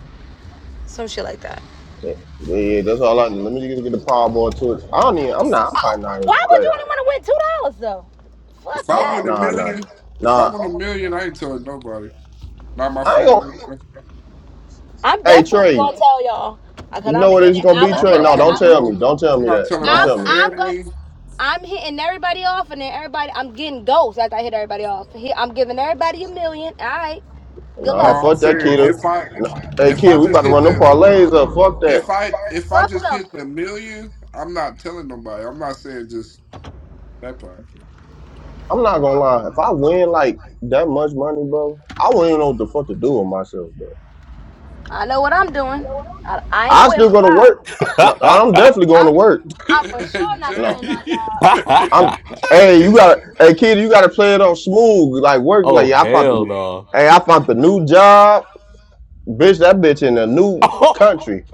[SPEAKER 6] some shit like that.
[SPEAKER 2] Yeah, yeah, yeah, that's all I. Let me just get the Powerball to it. I don't even. I'm not. I'm probably not even
[SPEAKER 6] Why
[SPEAKER 2] gonna
[SPEAKER 6] would
[SPEAKER 2] play
[SPEAKER 6] you
[SPEAKER 2] that
[SPEAKER 6] only want to win two dollars though?
[SPEAKER 3] If
[SPEAKER 6] Fuck
[SPEAKER 3] I
[SPEAKER 2] I-
[SPEAKER 6] that.
[SPEAKER 3] win a
[SPEAKER 2] Nah, nah,
[SPEAKER 3] million, if I
[SPEAKER 2] nah.
[SPEAKER 3] win a million, I ain't telling nobody. Not my
[SPEAKER 2] I ain't gonna.
[SPEAKER 3] family.
[SPEAKER 6] I'm
[SPEAKER 2] Hey
[SPEAKER 6] definitely
[SPEAKER 2] Trey,
[SPEAKER 6] gonna tell y'all, uh, cause
[SPEAKER 2] you
[SPEAKER 6] I'm
[SPEAKER 2] know what it's
[SPEAKER 6] hitting.
[SPEAKER 2] gonna
[SPEAKER 3] No,
[SPEAKER 6] I'm
[SPEAKER 2] be,
[SPEAKER 6] gonna
[SPEAKER 3] I'm
[SPEAKER 2] Trey?
[SPEAKER 6] give.
[SPEAKER 3] not
[SPEAKER 2] No,
[SPEAKER 6] every-
[SPEAKER 2] don't
[SPEAKER 3] telling
[SPEAKER 2] tell
[SPEAKER 3] no.
[SPEAKER 2] me. Don't
[SPEAKER 6] I'm
[SPEAKER 2] tell
[SPEAKER 3] I'm
[SPEAKER 2] me
[SPEAKER 3] not
[SPEAKER 2] that.
[SPEAKER 3] telling
[SPEAKER 2] Don't
[SPEAKER 3] my
[SPEAKER 6] I'm,
[SPEAKER 2] tell me that.
[SPEAKER 6] I'm gonna.
[SPEAKER 3] family.
[SPEAKER 6] I'm hitting everybody off, and then everybody. I'm getting ghosts after I hit everybody off. I'm giving everybody a million. All right, good
[SPEAKER 3] No,
[SPEAKER 2] No,
[SPEAKER 6] luck.
[SPEAKER 3] I'm
[SPEAKER 2] fuck that
[SPEAKER 3] saying
[SPEAKER 2] kid.
[SPEAKER 3] if I
[SPEAKER 2] No, hey
[SPEAKER 3] if
[SPEAKER 2] kid,
[SPEAKER 3] I
[SPEAKER 2] we
[SPEAKER 3] just
[SPEAKER 2] about to
[SPEAKER 3] hit
[SPEAKER 2] run them
[SPEAKER 3] the
[SPEAKER 2] parlays up. Fuck that.
[SPEAKER 3] If I if I
[SPEAKER 6] Fuck
[SPEAKER 3] just
[SPEAKER 6] them.
[SPEAKER 3] hit a million, I'm not telling nobody. I'm not saying just that part.
[SPEAKER 2] I'm not gonna lie. If I win like that much money, bro, I wouldn't even know what the fuck to do with myself, bro.
[SPEAKER 6] I know what I'm doing. I, I ain't
[SPEAKER 2] I
[SPEAKER 6] quitting
[SPEAKER 2] still
[SPEAKER 6] my
[SPEAKER 2] go to work.
[SPEAKER 6] job.
[SPEAKER 2] No,
[SPEAKER 1] [LAUGHS]
[SPEAKER 2] I'm definitely going to
[SPEAKER 6] I'm,
[SPEAKER 2] work.
[SPEAKER 3] [LAUGHS]
[SPEAKER 6] I'm for
[SPEAKER 3] hey,
[SPEAKER 6] sure not
[SPEAKER 3] Jamie,
[SPEAKER 2] Nah,
[SPEAKER 6] quitting my job.
[SPEAKER 3] [LAUGHS]
[SPEAKER 2] I'm hey, you gotta hey kid, you gotta play it on smooth. Like work like
[SPEAKER 1] oh
[SPEAKER 2] yeah, I found
[SPEAKER 1] hell
[SPEAKER 2] the
[SPEAKER 1] no.
[SPEAKER 2] hey, I found the new job. Bitch, that bitch in a new
[SPEAKER 1] [LAUGHS]
[SPEAKER 2] country.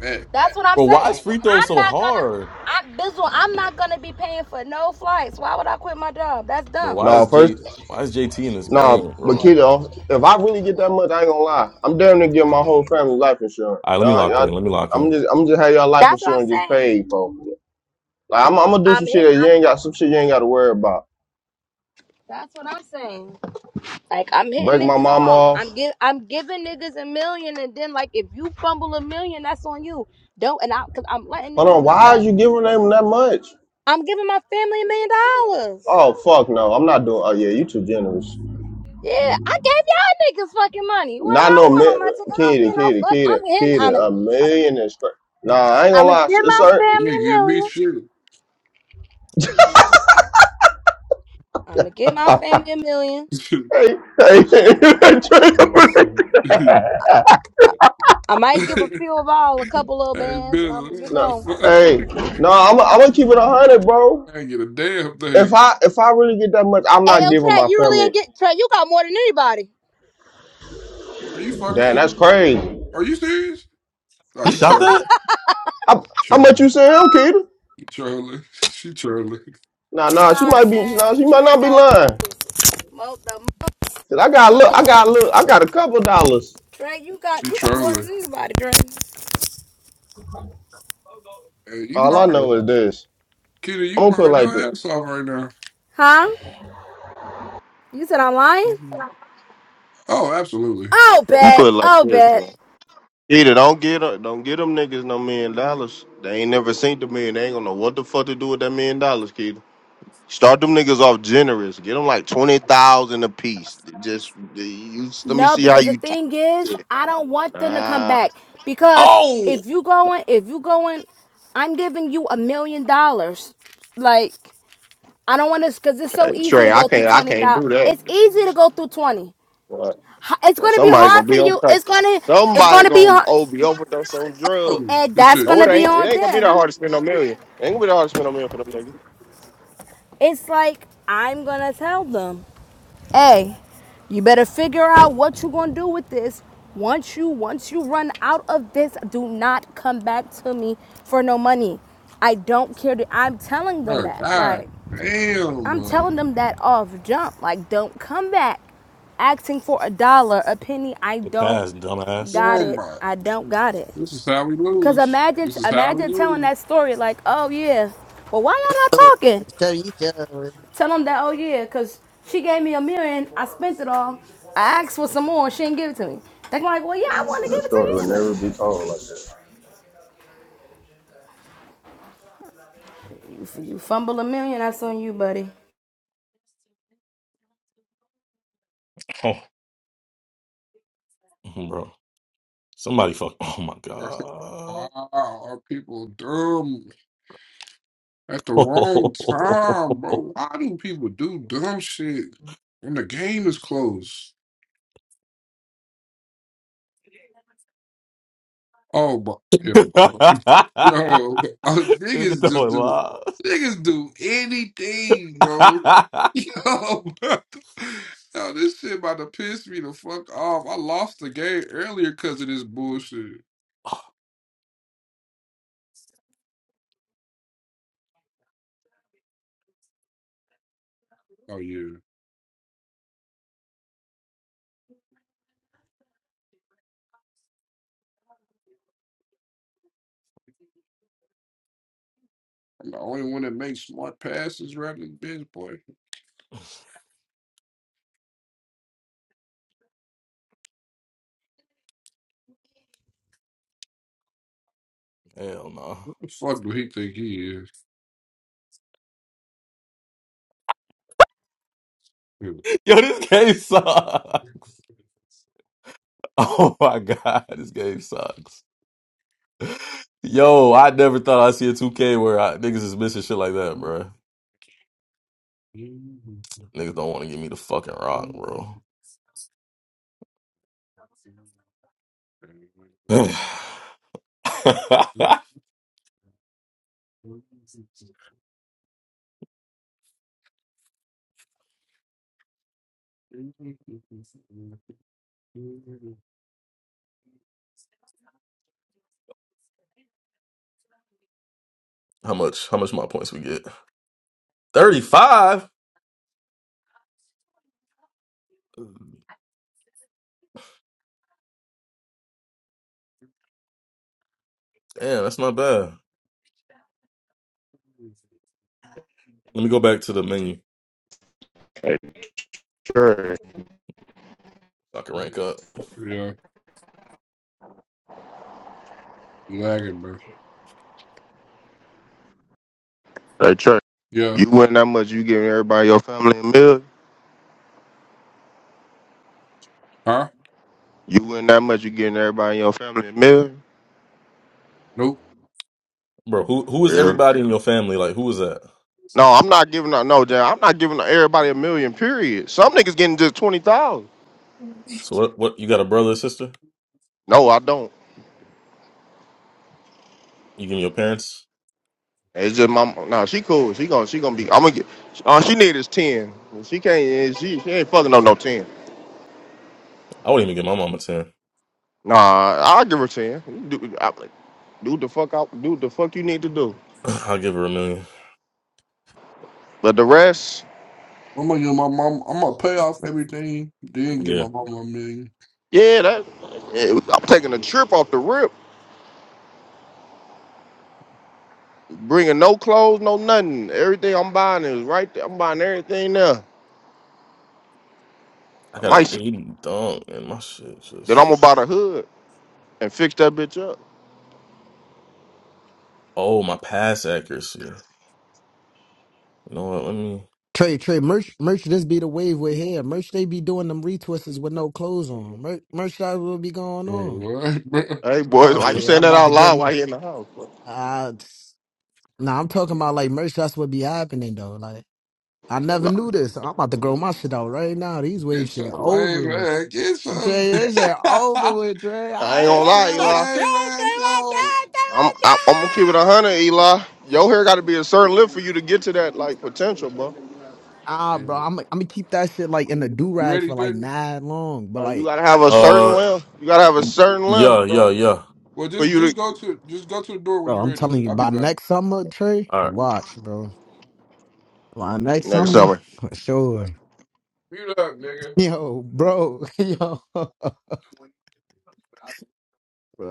[SPEAKER 3] hey,
[SPEAKER 6] That's what I'm
[SPEAKER 1] Oh, bro, why is
[SPEAKER 6] saying.
[SPEAKER 1] free throw
[SPEAKER 6] I'm
[SPEAKER 1] so
[SPEAKER 6] not gonna.
[SPEAKER 1] hard?
[SPEAKER 6] I this one. I'm not gonna be paying for no flights. Why would I quit my job? That's
[SPEAKER 1] Bro,
[SPEAKER 6] dumb.
[SPEAKER 1] why
[SPEAKER 2] No,
[SPEAKER 1] is J
[SPEAKER 2] first
[SPEAKER 1] why is JT in this game,
[SPEAKER 2] no, but
[SPEAKER 1] bro?
[SPEAKER 2] kid, if I really get that much, I ain't gonna lie. I'm damn near give my whole family life insurance.
[SPEAKER 1] All right, let me
[SPEAKER 2] Y'all,
[SPEAKER 1] lock in.
[SPEAKER 2] y'all
[SPEAKER 1] Let me lock
[SPEAKER 2] I'm
[SPEAKER 1] in.
[SPEAKER 2] just I'm just have y'all life
[SPEAKER 6] That's what I'm
[SPEAKER 2] insurance just
[SPEAKER 6] saying.
[SPEAKER 2] paid for. Like I'm, I'm gonna do
[SPEAKER 6] I'm
[SPEAKER 2] some shit
[SPEAKER 6] hit.
[SPEAKER 2] that you
[SPEAKER 6] I'm.
[SPEAKER 2] ain't got some shit you ain't gotta worry about.
[SPEAKER 6] That's what I'm saying. Like I'm hitting
[SPEAKER 2] Break my
[SPEAKER 6] niggas
[SPEAKER 2] mom
[SPEAKER 6] off.
[SPEAKER 2] off.
[SPEAKER 6] I'm give. I'm giving niggas a million, and then like if you fumble a million, that's on you. Don't and I because I'm letting
[SPEAKER 2] Hold
[SPEAKER 6] niggas
[SPEAKER 2] on,
[SPEAKER 6] know
[SPEAKER 2] why
[SPEAKER 6] that
[SPEAKER 2] is you giving them that much?
[SPEAKER 6] I'm giving my family a million dollars.
[SPEAKER 2] Oh fuck no, I'm not doing oh yeah, you too generous.
[SPEAKER 6] Yeah, I gave y'all niggas fucking money when
[SPEAKER 2] Not
[SPEAKER 6] I
[SPEAKER 2] no mi-
[SPEAKER 6] won on my ticket. I don't get
[SPEAKER 2] kid,
[SPEAKER 6] no
[SPEAKER 2] kid,
[SPEAKER 6] fuck.
[SPEAKER 2] kid,
[SPEAKER 6] I'm hitting.
[SPEAKER 2] kid,
[SPEAKER 6] I'm.
[SPEAKER 2] a
[SPEAKER 6] I'm,
[SPEAKER 2] million is cra Nah, I ain't gonna
[SPEAKER 6] I'm gonna
[SPEAKER 2] lie.
[SPEAKER 6] give
[SPEAKER 2] It's
[SPEAKER 6] my
[SPEAKER 2] certain.
[SPEAKER 3] you
[SPEAKER 6] family
[SPEAKER 3] ain't
[SPEAKER 6] a
[SPEAKER 3] give me
[SPEAKER 6] million.
[SPEAKER 3] shit.
[SPEAKER 6] I'm gonna give my family a million.
[SPEAKER 3] [LAUGHS]
[SPEAKER 2] Hey, hey, [LAUGHS] hey.
[SPEAKER 6] I, I might give a
[SPEAKER 3] hey,
[SPEAKER 6] few of all a couple little bands, and I'm gonna
[SPEAKER 3] Bill,
[SPEAKER 6] get
[SPEAKER 3] what the
[SPEAKER 2] no,
[SPEAKER 6] going.
[SPEAKER 3] fuck?
[SPEAKER 2] hey, no. I'm, I'm gonna keep it a hundred, bro.
[SPEAKER 3] I ain't get a damn
[SPEAKER 2] If
[SPEAKER 3] thing.
[SPEAKER 2] I if I really get that much, I'm not
[SPEAKER 6] Ayo,
[SPEAKER 2] giving
[SPEAKER 6] Trey,
[SPEAKER 2] my
[SPEAKER 6] you really
[SPEAKER 2] family.
[SPEAKER 6] ain't get Trey. You got more than anybody.
[SPEAKER 3] Are you fucking
[SPEAKER 2] Damn, that's
[SPEAKER 3] serious?
[SPEAKER 2] crazy.
[SPEAKER 3] Are you serious? Are
[SPEAKER 1] He
[SPEAKER 3] you
[SPEAKER 1] shot
[SPEAKER 3] trolling?
[SPEAKER 1] that?
[SPEAKER 2] How, how much
[SPEAKER 3] Trolling.
[SPEAKER 2] you saying, him, am
[SPEAKER 3] You Trolling. [LAUGHS] She trolling.
[SPEAKER 2] Nah, nah. She might
[SPEAKER 6] Anybody,
[SPEAKER 2] be.
[SPEAKER 6] man.
[SPEAKER 2] Nah, she might
[SPEAKER 6] Trey
[SPEAKER 2] not be
[SPEAKER 6] got the
[SPEAKER 2] lying.
[SPEAKER 6] most, most the
[SPEAKER 2] Cause I
[SPEAKER 6] most
[SPEAKER 2] got
[SPEAKER 6] of
[SPEAKER 2] look.
[SPEAKER 6] the
[SPEAKER 2] I got
[SPEAKER 6] most.
[SPEAKER 2] look. I got a couple dollars.
[SPEAKER 6] Trey, you got
[SPEAKER 3] She
[SPEAKER 6] you got more than
[SPEAKER 3] trolling.
[SPEAKER 6] anybody, Trey.
[SPEAKER 3] Hey, you
[SPEAKER 2] All I know
[SPEAKER 3] lying.
[SPEAKER 2] is this.
[SPEAKER 3] Kitty, you
[SPEAKER 2] I'm gonna put it
[SPEAKER 3] lying
[SPEAKER 2] like this.
[SPEAKER 3] your ass off right now.
[SPEAKER 6] Huh? You said I'm lying?
[SPEAKER 3] Mhm. Oh, absolutely.
[SPEAKER 6] Oh,
[SPEAKER 2] I'm gonna put
[SPEAKER 6] bet.
[SPEAKER 2] it like
[SPEAKER 6] Oh,
[SPEAKER 2] this, bro.
[SPEAKER 6] bet.
[SPEAKER 2] Either don't get don't get them niggas no million dollars. They ain't never seen the million. They ain't gonna know what the fuck to do with that million dollars, Keita. Start them niggas off generous. Get them like twenty thousand a piece. Just you, let me
[SPEAKER 6] No,
[SPEAKER 2] see how
[SPEAKER 6] because the
[SPEAKER 2] you.
[SPEAKER 6] thing is, I don't want them to come
[SPEAKER 2] nah,
[SPEAKER 6] back. Because
[SPEAKER 1] Oh,
[SPEAKER 6] if you going, if you going, I'm giving you a million dollars. Like. I don't want to, because it's
[SPEAKER 2] hey,
[SPEAKER 6] so easy
[SPEAKER 2] Trey,
[SPEAKER 6] to
[SPEAKER 2] I
[SPEAKER 6] go through
[SPEAKER 2] can't, I can't
[SPEAKER 6] 20,000.
[SPEAKER 2] do that.
[SPEAKER 6] It's easy to go through 20.
[SPEAKER 2] But,
[SPEAKER 6] H- It's
[SPEAKER 2] but
[SPEAKER 6] going to be
[SPEAKER 2] somebody
[SPEAKER 6] hard
[SPEAKER 2] gonna
[SPEAKER 6] for
[SPEAKER 2] be on
[SPEAKER 6] you.
[SPEAKER 2] crack.
[SPEAKER 6] It's going to, it's going
[SPEAKER 2] Somebody
[SPEAKER 6] to be
[SPEAKER 2] gonna
[SPEAKER 6] hard.
[SPEAKER 2] ob overdose on drugs.
[SPEAKER 3] Oh,
[SPEAKER 6] And
[SPEAKER 3] good
[SPEAKER 6] that's
[SPEAKER 3] shit.
[SPEAKER 6] going
[SPEAKER 2] No, it
[SPEAKER 6] to be
[SPEAKER 2] ain't. It
[SPEAKER 6] on
[SPEAKER 2] ain't gonna be that
[SPEAKER 6] them.
[SPEAKER 2] hard to spend no million. It ain't gonna be that hard to spend no million for them niggas.
[SPEAKER 6] It's like, I'm going to tell them, hey, you better figure out what you're going to do with this. Once you, once you run out of this, do not come back to me for no money. I don't care. To, I'm telling them
[SPEAKER 3] Oh
[SPEAKER 6] that. Like,
[SPEAKER 3] God, damn,
[SPEAKER 6] I'm telling
[SPEAKER 3] man.
[SPEAKER 6] them that off jump. Like, don't come back asking for a dollar, a penny. I
[SPEAKER 1] the
[SPEAKER 6] don't
[SPEAKER 1] pass, dumbass.
[SPEAKER 6] got
[SPEAKER 3] Oh
[SPEAKER 6] it.
[SPEAKER 3] my.
[SPEAKER 6] I don't got it.
[SPEAKER 3] This is how we
[SPEAKER 6] Cause
[SPEAKER 3] lose.
[SPEAKER 6] imagine,
[SPEAKER 3] This is how
[SPEAKER 6] imagine
[SPEAKER 3] we
[SPEAKER 6] telling
[SPEAKER 3] lose.
[SPEAKER 6] that story like, oh yeah. Well, why y'all not talking?
[SPEAKER 7] Tell each other.
[SPEAKER 6] Tell them that, oh yeah, cause she gave me a million. I spent it all. I asked for some more. and She didn't give it to me. They're like, well, yeah, I want to
[SPEAKER 2] That
[SPEAKER 6] give it to
[SPEAKER 2] story would
[SPEAKER 6] you either.
[SPEAKER 2] never be told like that.
[SPEAKER 6] If you fumble a million, that's on you, buddy.
[SPEAKER 1] Oh, [LAUGHS] bro. Somebody fuck. Oh my
[SPEAKER 3] [LAUGHS]
[SPEAKER 1] god.
[SPEAKER 3] Wow, our people dumb at the
[SPEAKER 1] [LAUGHS]
[SPEAKER 3] wrong time,
[SPEAKER 1] Nigga
[SPEAKER 3] bro. Why do people do dumb shit when the game is close? Oh my yo, [LAUGHS] yo uh, niggas just
[SPEAKER 1] throwing
[SPEAKER 3] do
[SPEAKER 1] love.
[SPEAKER 3] niggas do anything,
[SPEAKER 1] [LAUGHS]
[SPEAKER 3] bro. Yo, [LAUGHS] yo, this shit about to piss me the fuck off. I lost the game earlier because of this bullshit. Oh yeah, I'm the only one that makes smart passes rather than bitch boy.
[SPEAKER 1] Hell no.
[SPEAKER 3] What the fuck do he think he is? [LAUGHS]
[SPEAKER 1] Yo, this game sucks. [LAUGHS] Oh my god, this game sucks. Yo, I never thought I'd see a 2K where I, niggas is missing shit like that, bro. Niggas don't want to give me the fucking rock, bro. [SIGHS] how much? How much my points we get? Thirty five. Damn, that's not bad. Let me go back to the menu.
[SPEAKER 2] Hey, Trey.
[SPEAKER 1] so I can rank up.
[SPEAKER 3] Yeah, lagging, bro.
[SPEAKER 2] Hey, Trey.
[SPEAKER 3] Yeah,
[SPEAKER 2] You win that much, you giving everybody in your family a meal.
[SPEAKER 3] huh?
[SPEAKER 2] You win that much, you giving everybody in your family a meal.
[SPEAKER 3] Nope.
[SPEAKER 1] Bro, who who is
[SPEAKER 2] Really?
[SPEAKER 1] everybody in your family? Like, who is that?
[SPEAKER 2] No, I'm not giving out. No, Jan, I'm not giving everybody a million. Period. Some niggas getting just twenty thousand.
[SPEAKER 1] So what? What you got a brother, a sister?
[SPEAKER 2] No, I don't.
[SPEAKER 1] You give me your parents?
[SPEAKER 2] It's just my. No, she cool. She gonna. She gonna be. I'm gonna get. All she need is ten. She can't. She she ain't fucking no no ten.
[SPEAKER 1] I wouldn't even give my mom a ten.
[SPEAKER 2] Nah, I'll give her ten. You Do, I, do the fuck out. Do the fuck you need to do.
[SPEAKER 1] [LAUGHS] [CLEARS THROAT] I'll give her a million.
[SPEAKER 2] But the rest,
[SPEAKER 3] I'm gonna get my mom. I'm gonna pay off everything, then give
[SPEAKER 1] Yeah,
[SPEAKER 3] my mom a million.
[SPEAKER 2] yeah, that. yeah, I'm taking a trip off the rip. Bringing no clothes, no nothing. Everything I'm buying is right there. I'm buying everything there.
[SPEAKER 1] I
[SPEAKER 2] I
[SPEAKER 1] got an
[SPEAKER 2] might
[SPEAKER 1] eighty dunk, and my shit
[SPEAKER 2] then I'm
[SPEAKER 1] just
[SPEAKER 2] gonna buy the hood and fix that bitch up.
[SPEAKER 1] oh my pass accuracy. You know what? Let me.
[SPEAKER 7] Trey, Trey, merch, merch, this be the wave we're here. Merch, they be doing them retwists with no clothes on. Merch, merch, that will be going on.
[SPEAKER 3] What, bro? [LAUGHS]
[SPEAKER 2] Hey boys,
[SPEAKER 7] Oh
[SPEAKER 2] why you
[SPEAKER 7] yeah,
[SPEAKER 2] saying
[SPEAKER 7] I'm
[SPEAKER 2] that
[SPEAKER 7] about to
[SPEAKER 2] out
[SPEAKER 7] get
[SPEAKER 2] loud
[SPEAKER 7] my.
[SPEAKER 2] while you in the house? bro?
[SPEAKER 7] Uh, nah, I'm talking about like merch. That's what be happening though. Like I never
[SPEAKER 2] No,
[SPEAKER 7] knew this. I'm about to grow my shit out right now. These waves
[SPEAKER 3] Get
[SPEAKER 7] shit
[SPEAKER 3] your lame
[SPEAKER 7] over with.
[SPEAKER 3] man. Get your,
[SPEAKER 7] Trey,
[SPEAKER 3] [LAUGHS]
[SPEAKER 7] this shit over with. Trey, I,
[SPEAKER 2] I ain't gonna
[SPEAKER 3] get
[SPEAKER 7] I,
[SPEAKER 2] lie,
[SPEAKER 3] your
[SPEAKER 7] I,
[SPEAKER 2] Eli.
[SPEAKER 7] Trey, Trey,
[SPEAKER 3] lame man.
[SPEAKER 7] my
[SPEAKER 3] Go.
[SPEAKER 7] i
[SPEAKER 2] I'm
[SPEAKER 7] Trey,
[SPEAKER 2] I, I'm gonna keep it a
[SPEAKER 7] my
[SPEAKER 2] hundred, Eli. Your hair got to be a certain length
[SPEAKER 7] God.
[SPEAKER 2] for you to get to that like potential, bro.
[SPEAKER 7] Ah,
[SPEAKER 3] Yeah.
[SPEAKER 7] bro, I'm I'm gonna keep that shit like in the do
[SPEAKER 3] You
[SPEAKER 7] rag
[SPEAKER 3] ready,
[SPEAKER 7] for like
[SPEAKER 3] Jordan?
[SPEAKER 7] mad long. But
[SPEAKER 2] Like, you
[SPEAKER 7] like,
[SPEAKER 2] gotta have a certain
[SPEAKER 1] Uh,
[SPEAKER 2] length. You gotta have a certain length,
[SPEAKER 1] yeah, yeah,
[SPEAKER 2] bro,
[SPEAKER 1] yeah.
[SPEAKER 3] Well,
[SPEAKER 2] for
[SPEAKER 3] just
[SPEAKER 2] you to
[SPEAKER 3] just go to just go to the door when
[SPEAKER 7] bro,
[SPEAKER 3] you're
[SPEAKER 7] I'm
[SPEAKER 3] ready.
[SPEAKER 7] telling you,
[SPEAKER 3] I'll be
[SPEAKER 7] by
[SPEAKER 3] back.
[SPEAKER 7] next summer, Trey,
[SPEAKER 1] All right,
[SPEAKER 7] watch, bro. By next
[SPEAKER 3] Mute
[SPEAKER 2] next
[SPEAKER 3] up,
[SPEAKER 7] summer,
[SPEAKER 2] summer.
[SPEAKER 7] for sure.
[SPEAKER 3] Mute up, nigga.
[SPEAKER 7] Yo, bro, [LAUGHS] yo, bro.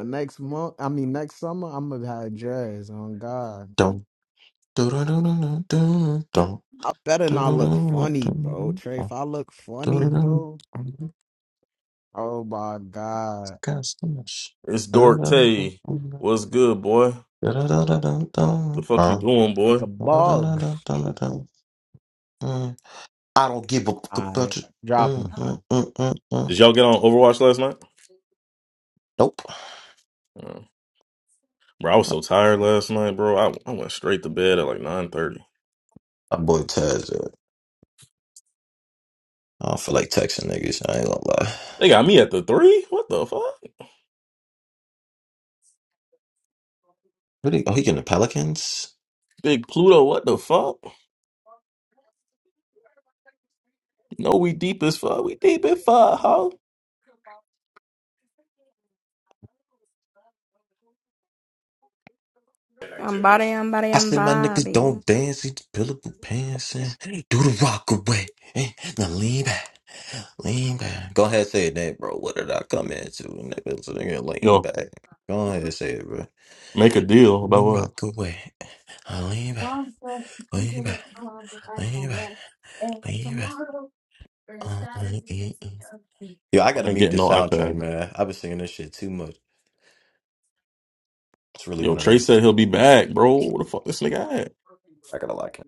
[SPEAKER 7] Next month, I mean next summer, I'm gonna have a dress On God,
[SPEAKER 4] Don't. do do do do do Don't.
[SPEAKER 7] I better
[SPEAKER 4] do do do
[SPEAKER 7] not look funny, bro. Trey, if I look
[SPEAKER 4] do
[SPEAKER 7] funny,
[SPEAKER 4] do
[SPEAKER 7] bro,
[SPEAKER 4] do
[SPEAKER 7] oh my God,
[SPEAKER 4] got so much.
[SPEAKER 1] it's Dork Tay. What's good, boy? The fuck you
[SPEAKER 4] Huh?
[SPEAKER 1] doing,
[SPEAKER 7] like
[SPEAKER 1] boy?
[SPEAKER 7] a bug.
[SPEAKER 4] mm. I don't give a fuck about
[SPEAKER 7] I
[SPEAKER 4] you.
[SPEAKER 7] drop
[SPEAKER 4] Mm,
[SPEAKER 7] 'em.
[SPEAKER 4] mm, mm, mm, mm. mm.
[SPEAKER 1] Did y'all get on Overwatch last night?
[SPEAKER 4] Nope.
[SPEAKER 1] Uh, Bro, I was so tired last night, bro. I I went straight to bed at like nine thirty.
[SPEAKER 4] My boy Taz. yeah. I don't feel like texting niggas. I ain't gonna lie.
[SPEAKER 1] They got me at the three. What the fuck?
[SPEAKER 4] What he, oh, he getting the Pelicans?
[SPEAKER 1] Big Pluto, what the fuck? No, we deep as fuck. We deep as fuck, ho.
[SPEAKER 4] I say my niggas don't dance. These billable pants and do the rock away. Eh, Now lean back, lean back. Go ahead, say it, then, bro. What did I come into, nigga? So nigga, lean
[SPEAKER 1] Yo,
[SPEAKER 4] back. Go ahead, say it, bro.
[SPEAKER 1] make a deal
[SPEAKER 4] Do
[SPEAKER 1] about
[SPEAKER 4] the
[SPEAKER 1] what?
[SPEAKER 4] rock away. I lean back, lean back, lean back, lean back. Uh, uh, uh, uh. Yo, I gotta
[SPEAKER 1] I ain't
[SPEAKER 4] mute
[SPEAKER 1] getting
[SPEAKER 4] the
[SPEAKER 1] no
[SPEAKER 4] soundtrack,
[SPEAKER 1] iPad.
[SPEAKER 4] man. I've been singing this shit too much. It's really
[SPEAKER 1] Yo,
[SPEAKER 4] one of
[SPEAKER 1] Trey
[SPEAKER 4] them.
[SPEAKER 1] said he'll be back, bro. What the fuck this nigga at?
[SPEAKER 4] I gotta like it.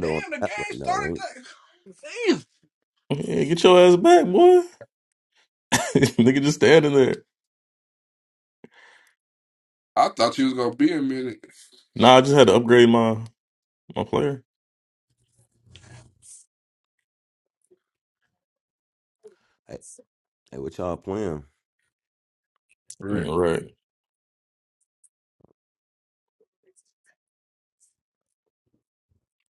[SPEAKER 3] Damn, the game started. That. [LAUGHS] Damn.
[SPEAKER 1] Yeah, get your ass back, boy. [LAUGHS] nigga just standing there.
[SPEAKER 3] I thought you was gonna be a minute.
[SPEAKER 1] Nah, I just had to upgrade my my player.
[SPEAKER 8] Hey, hey, what y'all playing?
[SPEAKER 3] Right.
[SPEAKER 1] Yeah, right.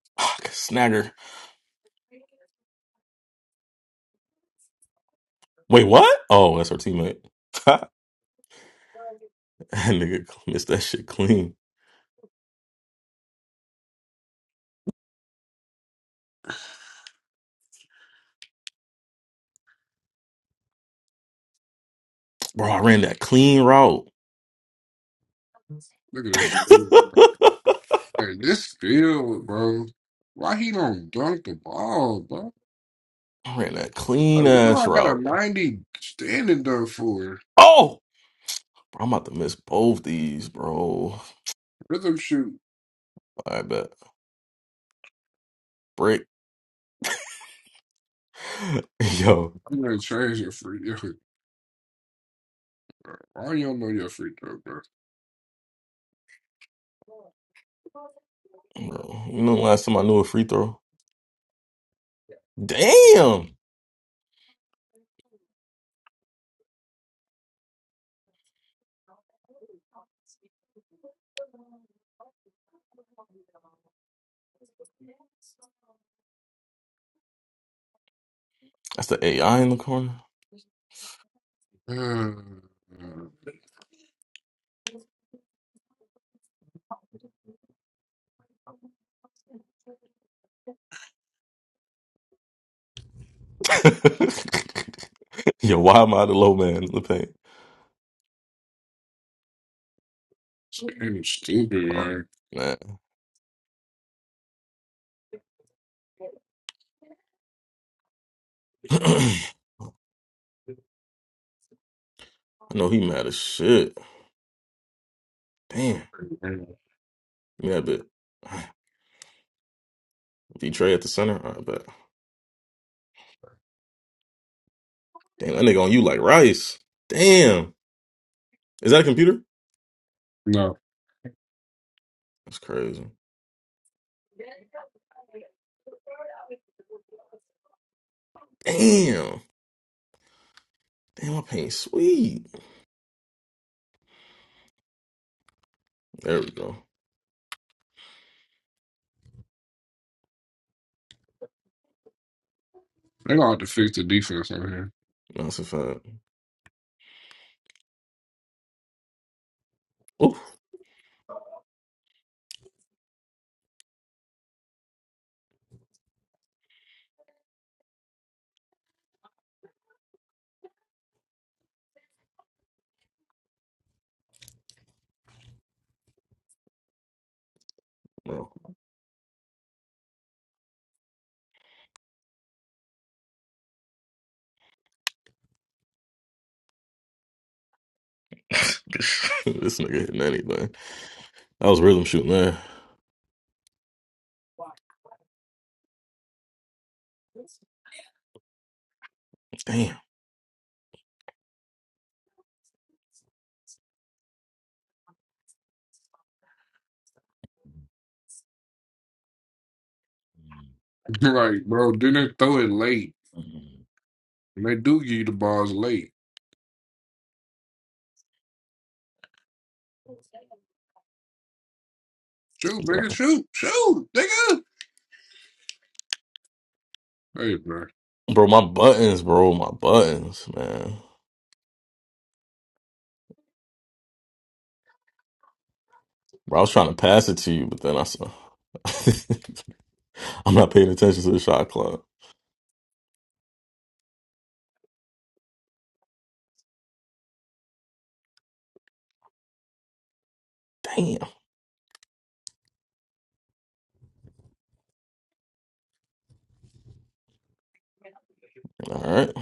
[SPEAKER 1] [SIGHS] Fuck, Snagger. Wait, what? Oh, that's her teammate. [LAUGHS] that nigga missed that shit clean. Bro, I ran that clean route.
[SPEAKER 3] Look at
[SPEAKER 1] [LAUGHS]
[SPEAKER 3] this shit.
[SPEAKER 1] I
[SPEAKER 3] Hey, this field, bro. Why he don't dunk the ball, bro?
[SPEAKER 1] ran that
[SPEAKER 3] Like,
[SPEAKER 1] clean
[SPEAKER 3] what do
[SPEAKER 1] ass
[SPEAKER 3] I got a
[SPEAKER 1] route.
[SPEAKER 3] ninety standing dunk for?
[SPEAKER 1] Oh! Bro, I'm about to miss both these, bro.
[SPEAKER 3] Rhythm shoot.
[SPEAKER 1] I bet. Brick. [LAUGHS] Yo,
[SPEAKER 3] I'm gonna change it for you. Why do y'all know your free throw, bro?
[SPEAKER 1] bro. You know the last time I knew a free throw? Damn! That's the AI in the corner.
[SPEAKER 3] Uh,
[SPEAKER 1] [LAUGHS] Yo, why am I the low man in the paint?
[SPEAKER 3] Damn stupid,
[SPEAKER 1] Oh,
[SPEAKER 3] man.
[SPEAKER 1] man. [CLEARS THROAT] I know he mad as shit. Damn. Yeah, but [SIGHS] D Trey at the center? I bet. Damn, that nigga on you like rice. Damn. Is that a computer?
[SPEAKER 3] No,
[SPEAKER 1] That's crazy. Damn. Damn, my paint sweet. There we go.
[SPEAKER 3] they gonna have to fix the defense on here.
[SPEAKER 1] That's a fact. Bro, [LAUGHS] this, this nigga hitting anything. That was rhythm shooting there. Damn.
[SPEAKER 3] [LAUGHS] like, bro, didn't throw it late. And they do give you the balls late. Shoot, nigga, shoot, shoot, nigga. Hey, bro,
[SPEAKER 1] Bro, my buttons, bro. My buttons, man. Bro, I was trying to pass it to you, but then I saw. [LAUGHS] I'm not paying attention to the shot clock. Damn. All right.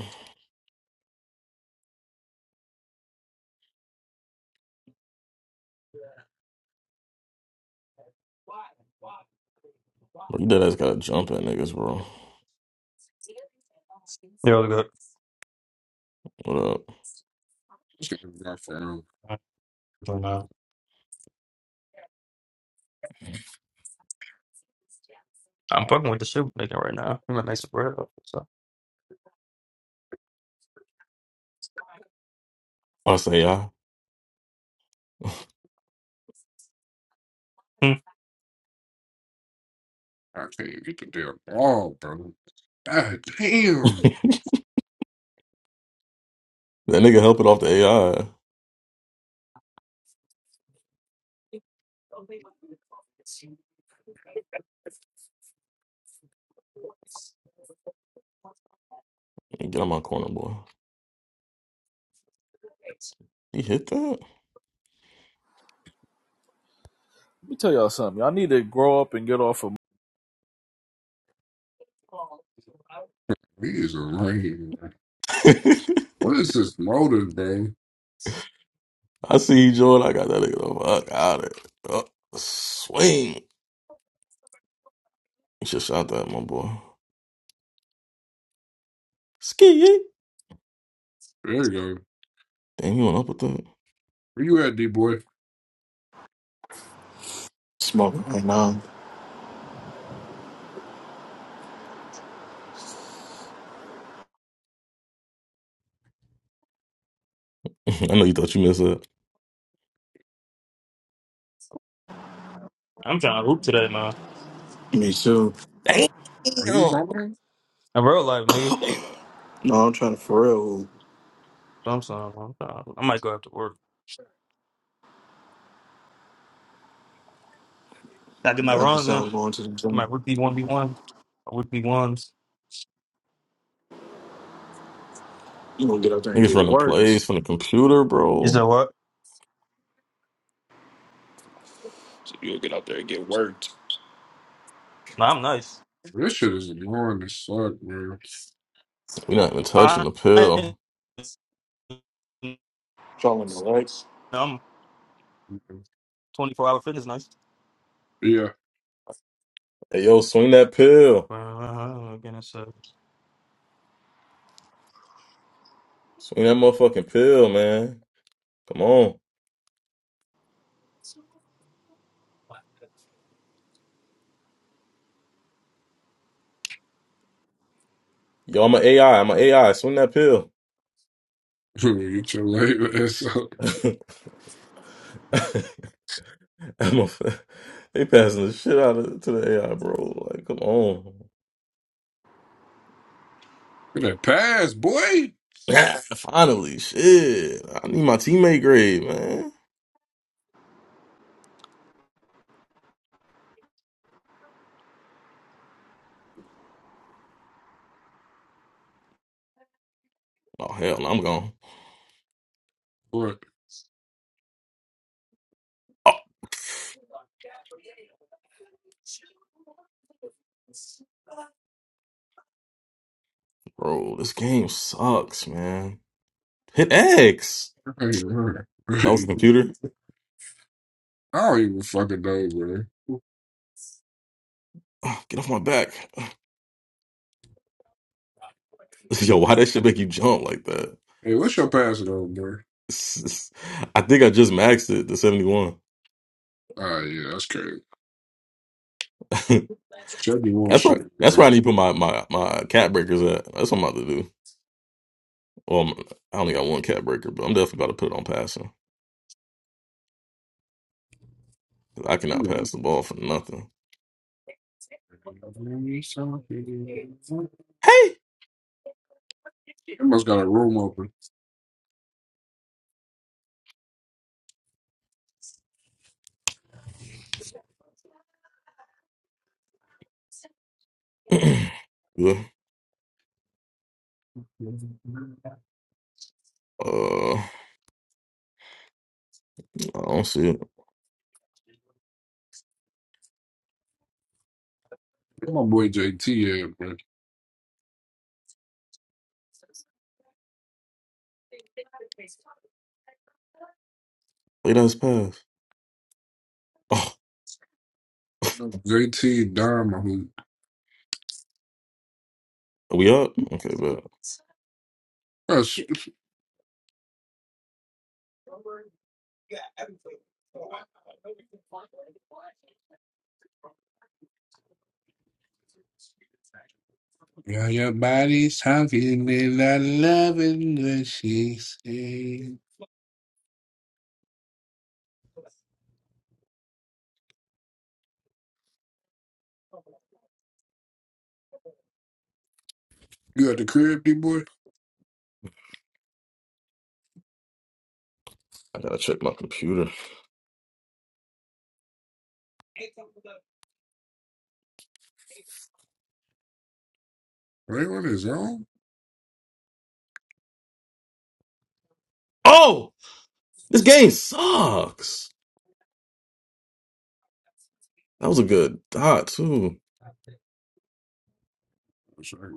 [SPEAKER 1] Bro, you dead ass gotta jump at niggas, bro.
[SPEAKER 9] Yeah, look good.
[SPEAKER 1] What up?
[SPEAKER 9] I don't know. I'm fucking with the shit we making right now. We might make some bread. up, So.
[SPEAKER 1] Oh, that's AI.
[SPEAKER 9] Hmm.
[SPEAKER 3] I can't even get the damn ball, bro. God damn,
[SPEAKER 1] [LAUGHS] That nigga helping off the AI. Get on my corner, boy. He hit that?
[SPEAKER 10] Let me tell y'all something. Y'all need to grow up and get off of
[SPEAKER 3] he is a lame. man.
[SPEAKER 1] [LAUGHS]
[SPEAKER 3] What is this motive, bro?
[SPEAKER 1] I see you, Jordan. I got that nigga the fuck out it. Oh, swing. You should shout that, my boy. Ski.
[SPEAKER 3] There you go.
[SPEAKER 1] Damn, you went up with that?
[SPEAKER 3] Where you at, D boy?
[SPEAKER 11] smoking right now.
[SPEAKER 1] [LAUGHS] I know you thought you messed up.
[SPEAKER 9] I'm trying to hoop today, man.
[SPEAKER 11] Me too.
[SPEAKER 1] Damn.
[SPEAKER 3] Are you going?
[SPEAKER 9] In real life, nigga,
[SPEAKER 11] No, I'm trying to for real.
[SPEAKER 9] I'm saying, I'm trying, I might go after work. I get my
[SPEAKER 11] Definitely
[SPEAKER 9] runs in.
[SPEAKER 11] sounds going to the
[SPEAKER 9] My
[SPEAKER 11] gym.
[SPEAKER 9] would be one v one. I would be ones.
[SPEAKER 11] You gonna get out there and
[SPEAKER 1] Niggas
[SPEAKER 11] get
[SPEAKER 1] running
[SPEAKER 11] worked.
[SPEAKER 1] plays from the computer,
[SPEAKER 9] You said
[SPEAKER 1] bro.
[SPEAKER 9] what?
[SPEAKER 11] So you'll get out there and get worked.
[SPEAKER 9] No, I'm nice.
[SPEAKER 3] This shit is annoying as fuck, bro.
[SPEAKER 1] We not even touching
[SPEAKER 9] I,
[SPEAKER 1] the
[SPEAKER 9] I-
[SPEAKER 1] pill.
[SPEAKER 11] Calling the legs.
[SPEAKER 9] I'm 24 hour fitness nice.
[SPEAKER 3] Yeah.
[SPEAKER 1] Hey, yo, swing that pill.
[SPEAKER 9] Uh, Again, it's uh,
[SPEAKER 1] Swing that motherfucking pill, man. Come on. Yo, I'm an AI. I'm an AI. Swing that pill.
[SPEAKER 3] [LAUGHS] Get your lame ass up. Look
[SPEAKER 1] [LAUGHS] I'm a, they passing the shit out of, to the AI, bro. Like, come on.
[SPEAKER 3] at that pass, boy.
[SPEAKER 1] [LAUGHS] Finally, shit. I need my teammate grade, man. Oh, hell no, I'm gone.
[SPEAKER 3] What?
[SPEAKER 1] Bro, this game sucks, man. Hit X.
[SPEAKER 3] I ain't heard. [LAUGHS] I
[SPEAKER 1] That was the computer.
[SPEAKER 3] don't even fucking know, bro.
[SPEAKER 1] Ugh, get off my back. Ugh. [LAUGHS] Yo, why that shit make you jump like that? [LAUGHS]
[SPEAKER 3] Hey, what's your passing on, bro?
[SPEAKER 1] It's- it's- I think I just maxed it to 71.
[SPEAKER 3] Ah, yeah, that's crazy.
[SPEAKER 1] [LAUGHS]
[SPEAKER 3] Seventy one
[SPEAKER 1] that's
[SPEAKER 3] shit,
[SPEAKER 1] right. That's
[SPEAKER 3] bro.
[SPEAKER 1] where I need to put my, my, my cat breakers at. That's what I'm about to do. Well, I'm- I only got one cat breaker, but I'm definitely about to put it on passing. 'Cause I cannot
[SPEAKER 3] Yeah,
[SPEAKER 1] pass the ball for nothing. Hey!
[SPEAKER 3] I must got a room open.
[SPEAKER 1] [CLEARS THROAT] yeah. Uh, I don't see it.
[SPEAKER 3] Where My boy JT at, bro.
[SPEAKER 1] Wait, that's pass. Oh,
[SPEAKER 3] JT Diamond.
[SPEAKER 1] are we up? Okay, but
[SPEAKER 3] That's Yeah, your body's talking me, I love it when she sings. You at the crib, D
[SPEAKER 1] I gotta check my computer.
[SPEAKER 3] They on his own?
[SPEAKER 1] Oh! This game sucks. That was a good dot too.
[SPEAKER 3] It's Like,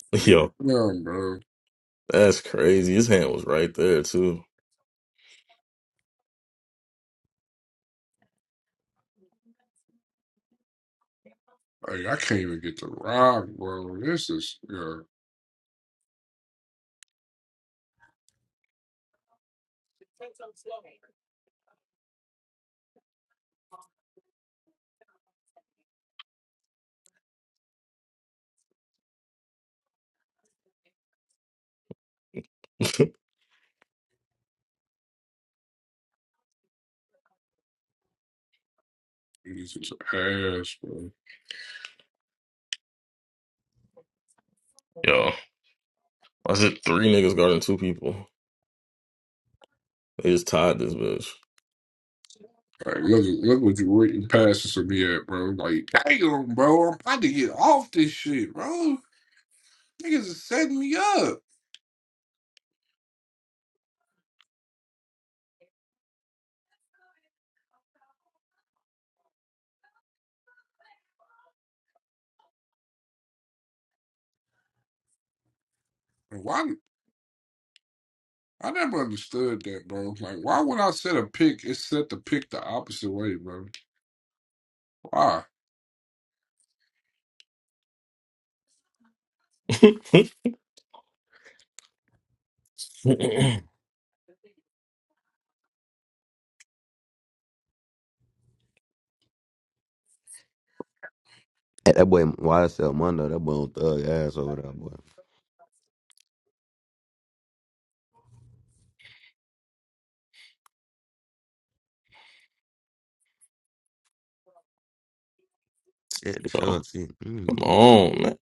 [SPEAKER 1] [LAUGHS]
[SPEAKER 3] like,
[SPEAKER 1] Yo,
[SPEAKER 3] no, bro.
[SPEAKER 1] that's crazy. His hand was right there too.
[SPEAKER 3] Like, I can't even get to rock, bro. This is, yeah,
[SPEAKER 1] [LAUGHS]
[SPEAKER 3] he's just ass, bro.
[SPEAKER 1] Yo, I said three niggas guarding two people. They just tied this bitch.
[SPEAKER 3] Like, look, look what you waiting passes to me at, bro. Like, damn, bro. I'm about to get off this shit, bro. Niggas is setting me up. And Why? I never understood that, bro. Like, why would I set a pick? It's set the pick the opposite way, bro. Why?
[SPEAKER 1] [LAUGHS] Yo,
[SPEAKER 8] Hey, that boy YSL Mondo, that boy on thug ass over there, boy. Scared to show it,
[SPEAKER 1] come
[SPEAKER 8] see.
[SPEAKER 1] on, man.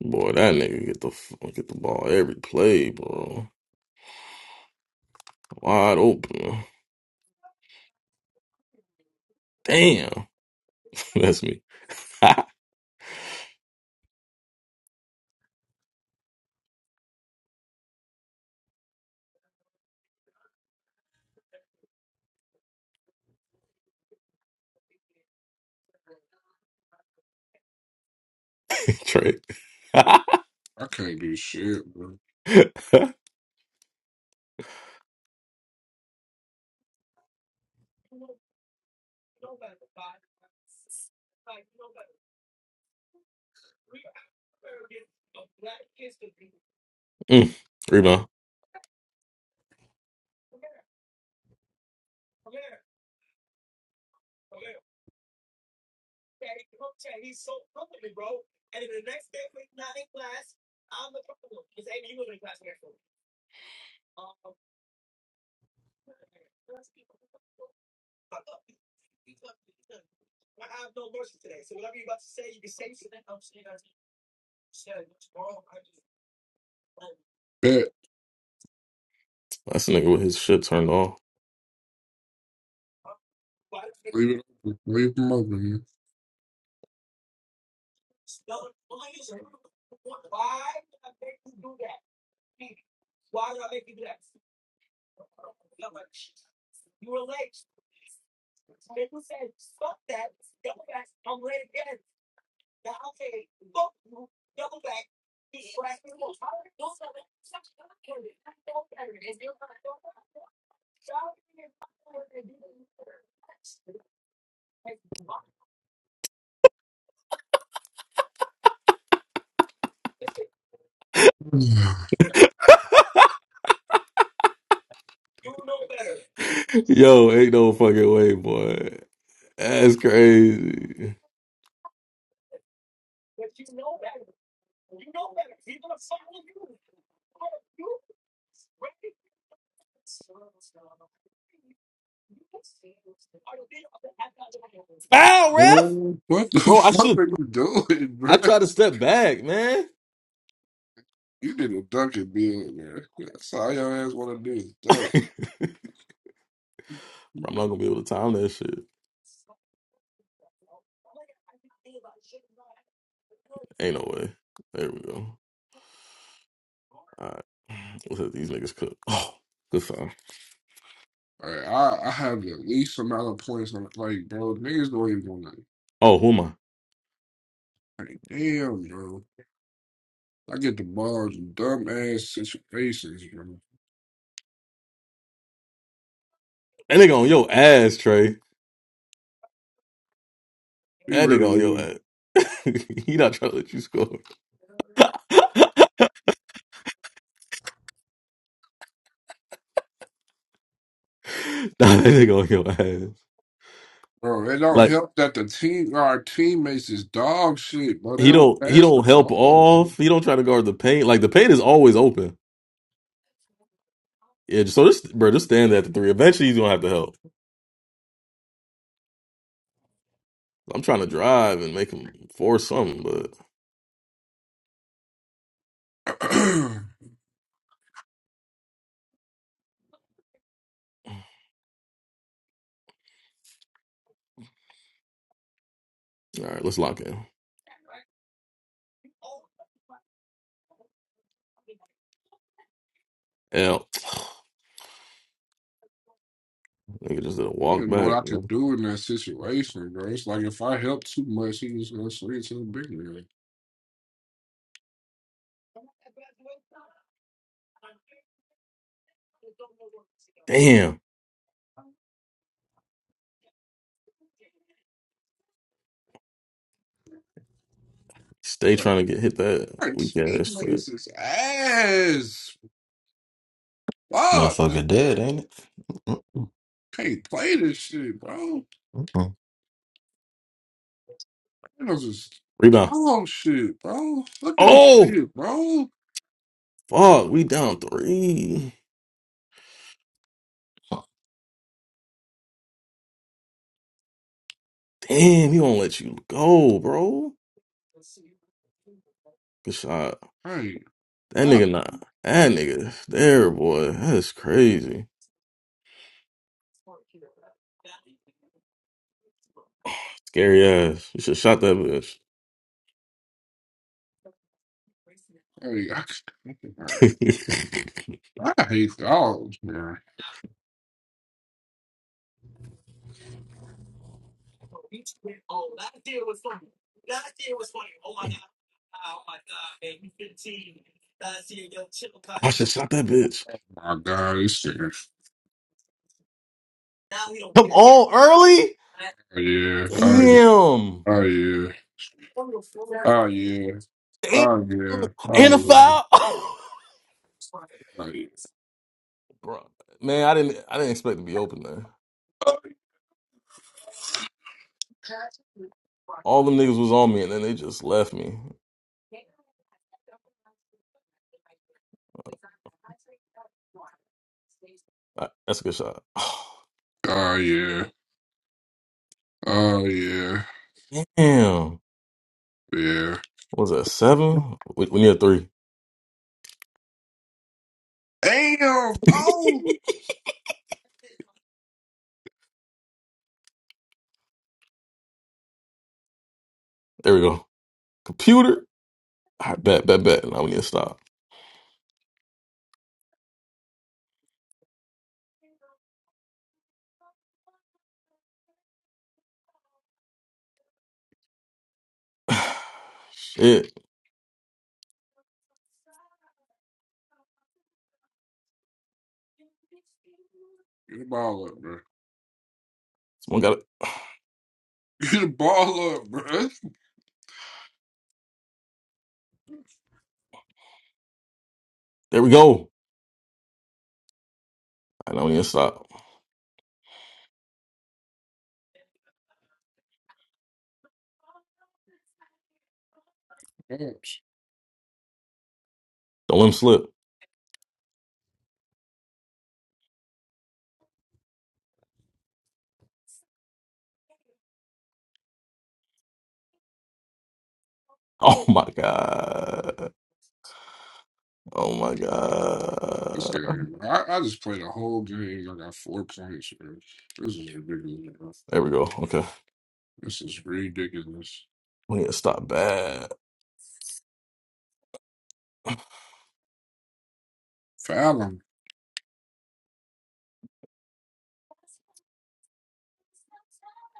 [SPEAKER 1] Boy, that nigga get the f- get the ball every play, bro. Wide open. Damn, [LAUGHS] that's me. [LAUGHS] Trey. [LAUGHS]
[SPEAKER 3] I can't do shit, bro.
[SPEAKER 1] Mm. Rebound.
[SPEAKER 3] Bet.
[SPEAKER 1] That's a nigga with his shit turned off.
[SPEAKER 3] Leave it open. Leave them open, man. [SIGHS]
[SPEAKER 1] [LAUGHS] Yo, ain't no fucking way, boy. That's crazy. Foul, ref!
[SPEAKER 3] Bro, what the [LAUGHS]
[SPEAKER 1] Bro, I
[SPEAKER 3] fuck
[SPEAKER 1] should.
[SPEAKER 3] are you doing, [LAUGHS]
[SPEAKER 1] I
[SPEAKER 3] bro?
[SPEAKER 1] tried to step back, man.
[SPEAKER 3] You did a Dunkin' Bill, man. That's all your ass want to do is
[SPEAKER 1] [LAUGHS]
[SPEAKER 3] dunk.
[SPEAKER 1] Bro, I'm not gonna be able to time that shit. Ain't no way. There we go. All right. Let's let these niggas cook. Oh, good foul.
[SPEAKER 3] Like, I, I have the least amount of points on Like, bro, niggas don't even want to.
[SPEAKER 1] Oh, who am I?
[SPEAKER 3] Like, damn, bro. I get the balls in dumb ass situations, bro.
[SPEAKER 1] That nigga on your ass, Trey.
[SPEAKER 3] We
[SPEAKER 1] That
[SPEAKER 3] really,
[SPEAKER 1] nigga on your
[SPEAKER 3] really.
[SPEAKER 1] ass. [LAUGHS] he not trying to let you score. [LAUGHS] nah, that nigga on your ass.
[SPEAKER 3] Bro, it don't
[SPEAKER 1] Like
[SPEAKER 3] help that the team, our teammates is dog shit, bro. They
[SPEAKER 1] he
[SPEAKER 3] don't
[SPEAKER 1] don't he
[SPEAKER 3] pass
[SPEAKER 1] don't
[SPEAKER 3] the
[SPEAKER 1] help
[SPEAKER 3] ball,
[SPEAKER 1] off. He don't try to guard the paint. Like the paint is always open. Yeah, so just bro, just stand there at the three. Eventually he's gonna have to help. I'm trying to drive and make him force something, but
[SPEAKER 3] bro. [CLEARS THROAT]
[SPEAKER 1] all right, let's lock in. L. [SIGHS] Nigga just did a
[SPEAKER 3] He
[SPEAKER 1] walk
[SPEAKER 3] didn't know
[SPEAKER 1] back.
[SPEAKER 3] what I
[SPEAKER 1] you
[SPEAKER 3] could
[SPEAKER 1] know?
[SPEAKER 3] do in that situation, bro. It's like if I helped too much, he was gonna swing to the big man.
[SPEAKER 1] Damn. Stay trying to get hit that
[SPEAKER 3] Our
[SPEAKER 1] weak ass
[SPEAKER 3] team
[SPEAKER 1] shit.
[SPEAKER 3] is his ass. Fuck.
[SPEAKER 4] Motherfucker dead, ain't it?
[SPEAKER 3] Can't play this shit, bro.
[SPEAKER 4] Mm-mm-mm.
[SPEAKER 3] Thanos just
[SPEAKER 1] Rebound.
[SPEAKER 3] dog shit, bro. Look at this
[SPEAKER 1] Oh,
[SPEAKER 3] shit, bro.
[SPEAKER 1] fuck. We down three. Damn, he won't let you go, bro. Good shot.
[SPEAKER 3] Hey,
[SPEAKER 1] That
[SPEAKER 3] I,
[SPEAKER 1] nigga not. That nigga there, boy. That is crazy. Scary ass. You should shot that bitch.
[SPEAKER 3] hey, I, [LAUGHS] all right.
[SPEAKER 1] [LAUGHS]
[SPEAKER 3] I hate dogs, man.
[SPEAKER 1] I should shot that bitch.
[SPEAKER 3] My God, this shit. is-
[SPEAKER 1] Come on, early?
[SPEAKER 3] Oh, yeah.
[SPEAKER 1] Damn.
[SPEAKER 3] Oh, yeah. Oh, yeah. Oh, yeah.
[SPEAKER 1] Damn,
[SPEAKER 3] Oh, yeah. Oh,
[SPEAKER 1] and a
[SPEAKER 3] yeah.
[SPEAKER 1] foul.
[SPEAKER 3] Oh, yeah.
[SPEAKER 1] [LAUGHS] Bro, man, I didn't I didn't expect to be open there. All them niggas was on me, and then they just left me. Uh, That's a good shot. [SIGHS]
[SPEAKER 3] Oh yeah. Oh yeah.
[SPEAKER 1] Damn,
[SPEAKER 3] Yeah.
[SPEAKER 1] what was that seven? We, we need a three.
[SPEAKER 3] Damn. Oh,
[SPEAKER 1] There we go. Computer. All right, bet, bet, bet. Now we need to stop. [SIGHS] Shit,
[SPEAKER 3] get the ball up, bro.
[SPEAKER 1] someone got it.
[SPEAKER 3] Get the ball up, bro.
[SPEAKER 1] There we go. I know we need to stop. Don't let him slip. [LAUGHS] Oh my god. Oh my
[SPEAKER 3] This
[SPEAKER 1] god.
[SPEAKER 3] game, bro. I, I just played a whole game. I got four points, bro. This is ridiculous. Bro.
[SPEAKER 1] There we go. Okay,
[SPEAKER 3] This is ridiculous.
[SPEAKER 1] we need to stop bad.
[SPEAKER 3] Fallon,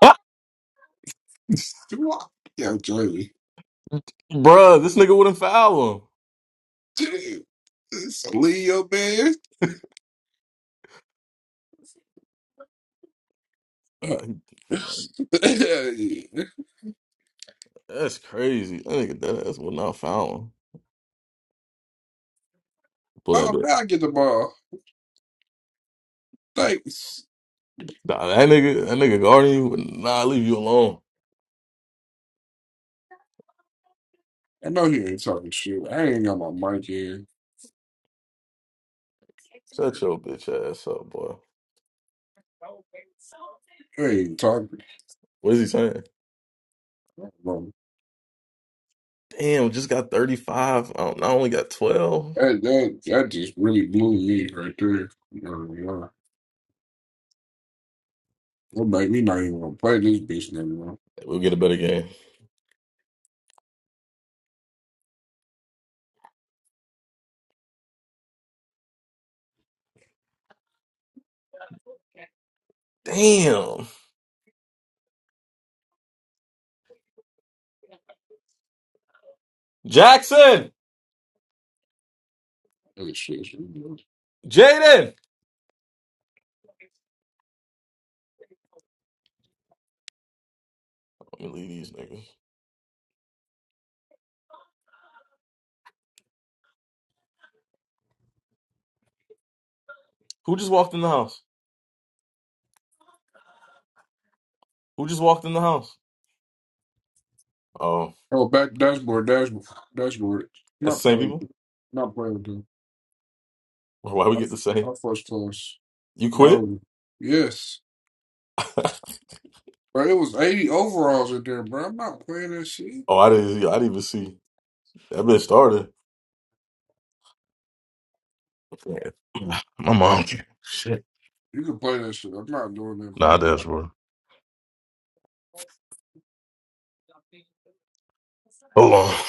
[SPEAKER 1] Ah,
[SPEAKER 3] do I? Yeah, Jerry.
[SPEAKER 1] bruh, this nigga wouldn't foul him.
[SPEAKER 3] Dude, it's a Leo, man. Uh,
[SPEAKER 1] Uh,
[SPEAKER 3] [LAUGHS] yeah.
[SPEAKER 1] that's crazy. That nigga dead ass would not found one. Pull that
[SPEAKER 3] oh,
[SPEAKER 1] bitch.
[SPEAKER 3] man, I get the ball. Thanks.
[SPEAKER 1] Nah, that nigga, that nigga guarding you would not leave you alone.
[SPEAKER 3] I know he ain't talking shit. I ain't got my mic in.
[SPEAKER 1] Shut your bitch ass up, boy.
[SPEAKER 3] He ain't talking.
[SPEAKER 1] What is he saying? Damn, just got 35. I, don't, I only got 12. Hey,
[SPEAKER 3] That that that just really blew me right there. Uh, That made me not even gonna play this bitch no more.
[SPEAKER 1] We'll get a better game. Damn. Jackson!
[SPEAKER 3] That shit's ridiculous.
[SPEAKER 1] Jaden! Let me leave these niggas. Who just walked in the house? Who just walked in the house? Oh,
[SPEAKER 3] Oh, back dashboard, dashboard, dashboard.
[SPEAKER 1] that's the
[SPEAKER 3] Not
[SPEAKER 1] same
[SPEAKER 3] playing, with
[SPEAKER 1] people?
[SPEAKER 3] it. not playing. with it.
[SPEAKER 1] Why we get the same?
[SPEAKER 3] I, I first class.
[SPEAKER 1] You quit?
[SPEAKER 3] No, yes,
[SPEAKER 1] [LAUGHS] oh,
[SPEAKER 3] but it was eighty overalls in there, bro. I'm not playing that shit.
[SPEAKER 1] I didn't, I didn't even see. That bitch started. Yeah. [CLEARS THROAT] My mom. Shit.
[SPEAKER 3] You can play that shit. I'm not doing
[SPEAKER 1] Nah,
[SPEAKER 3] that, bro.
[SPEAKER 1] that's bro. Hold on.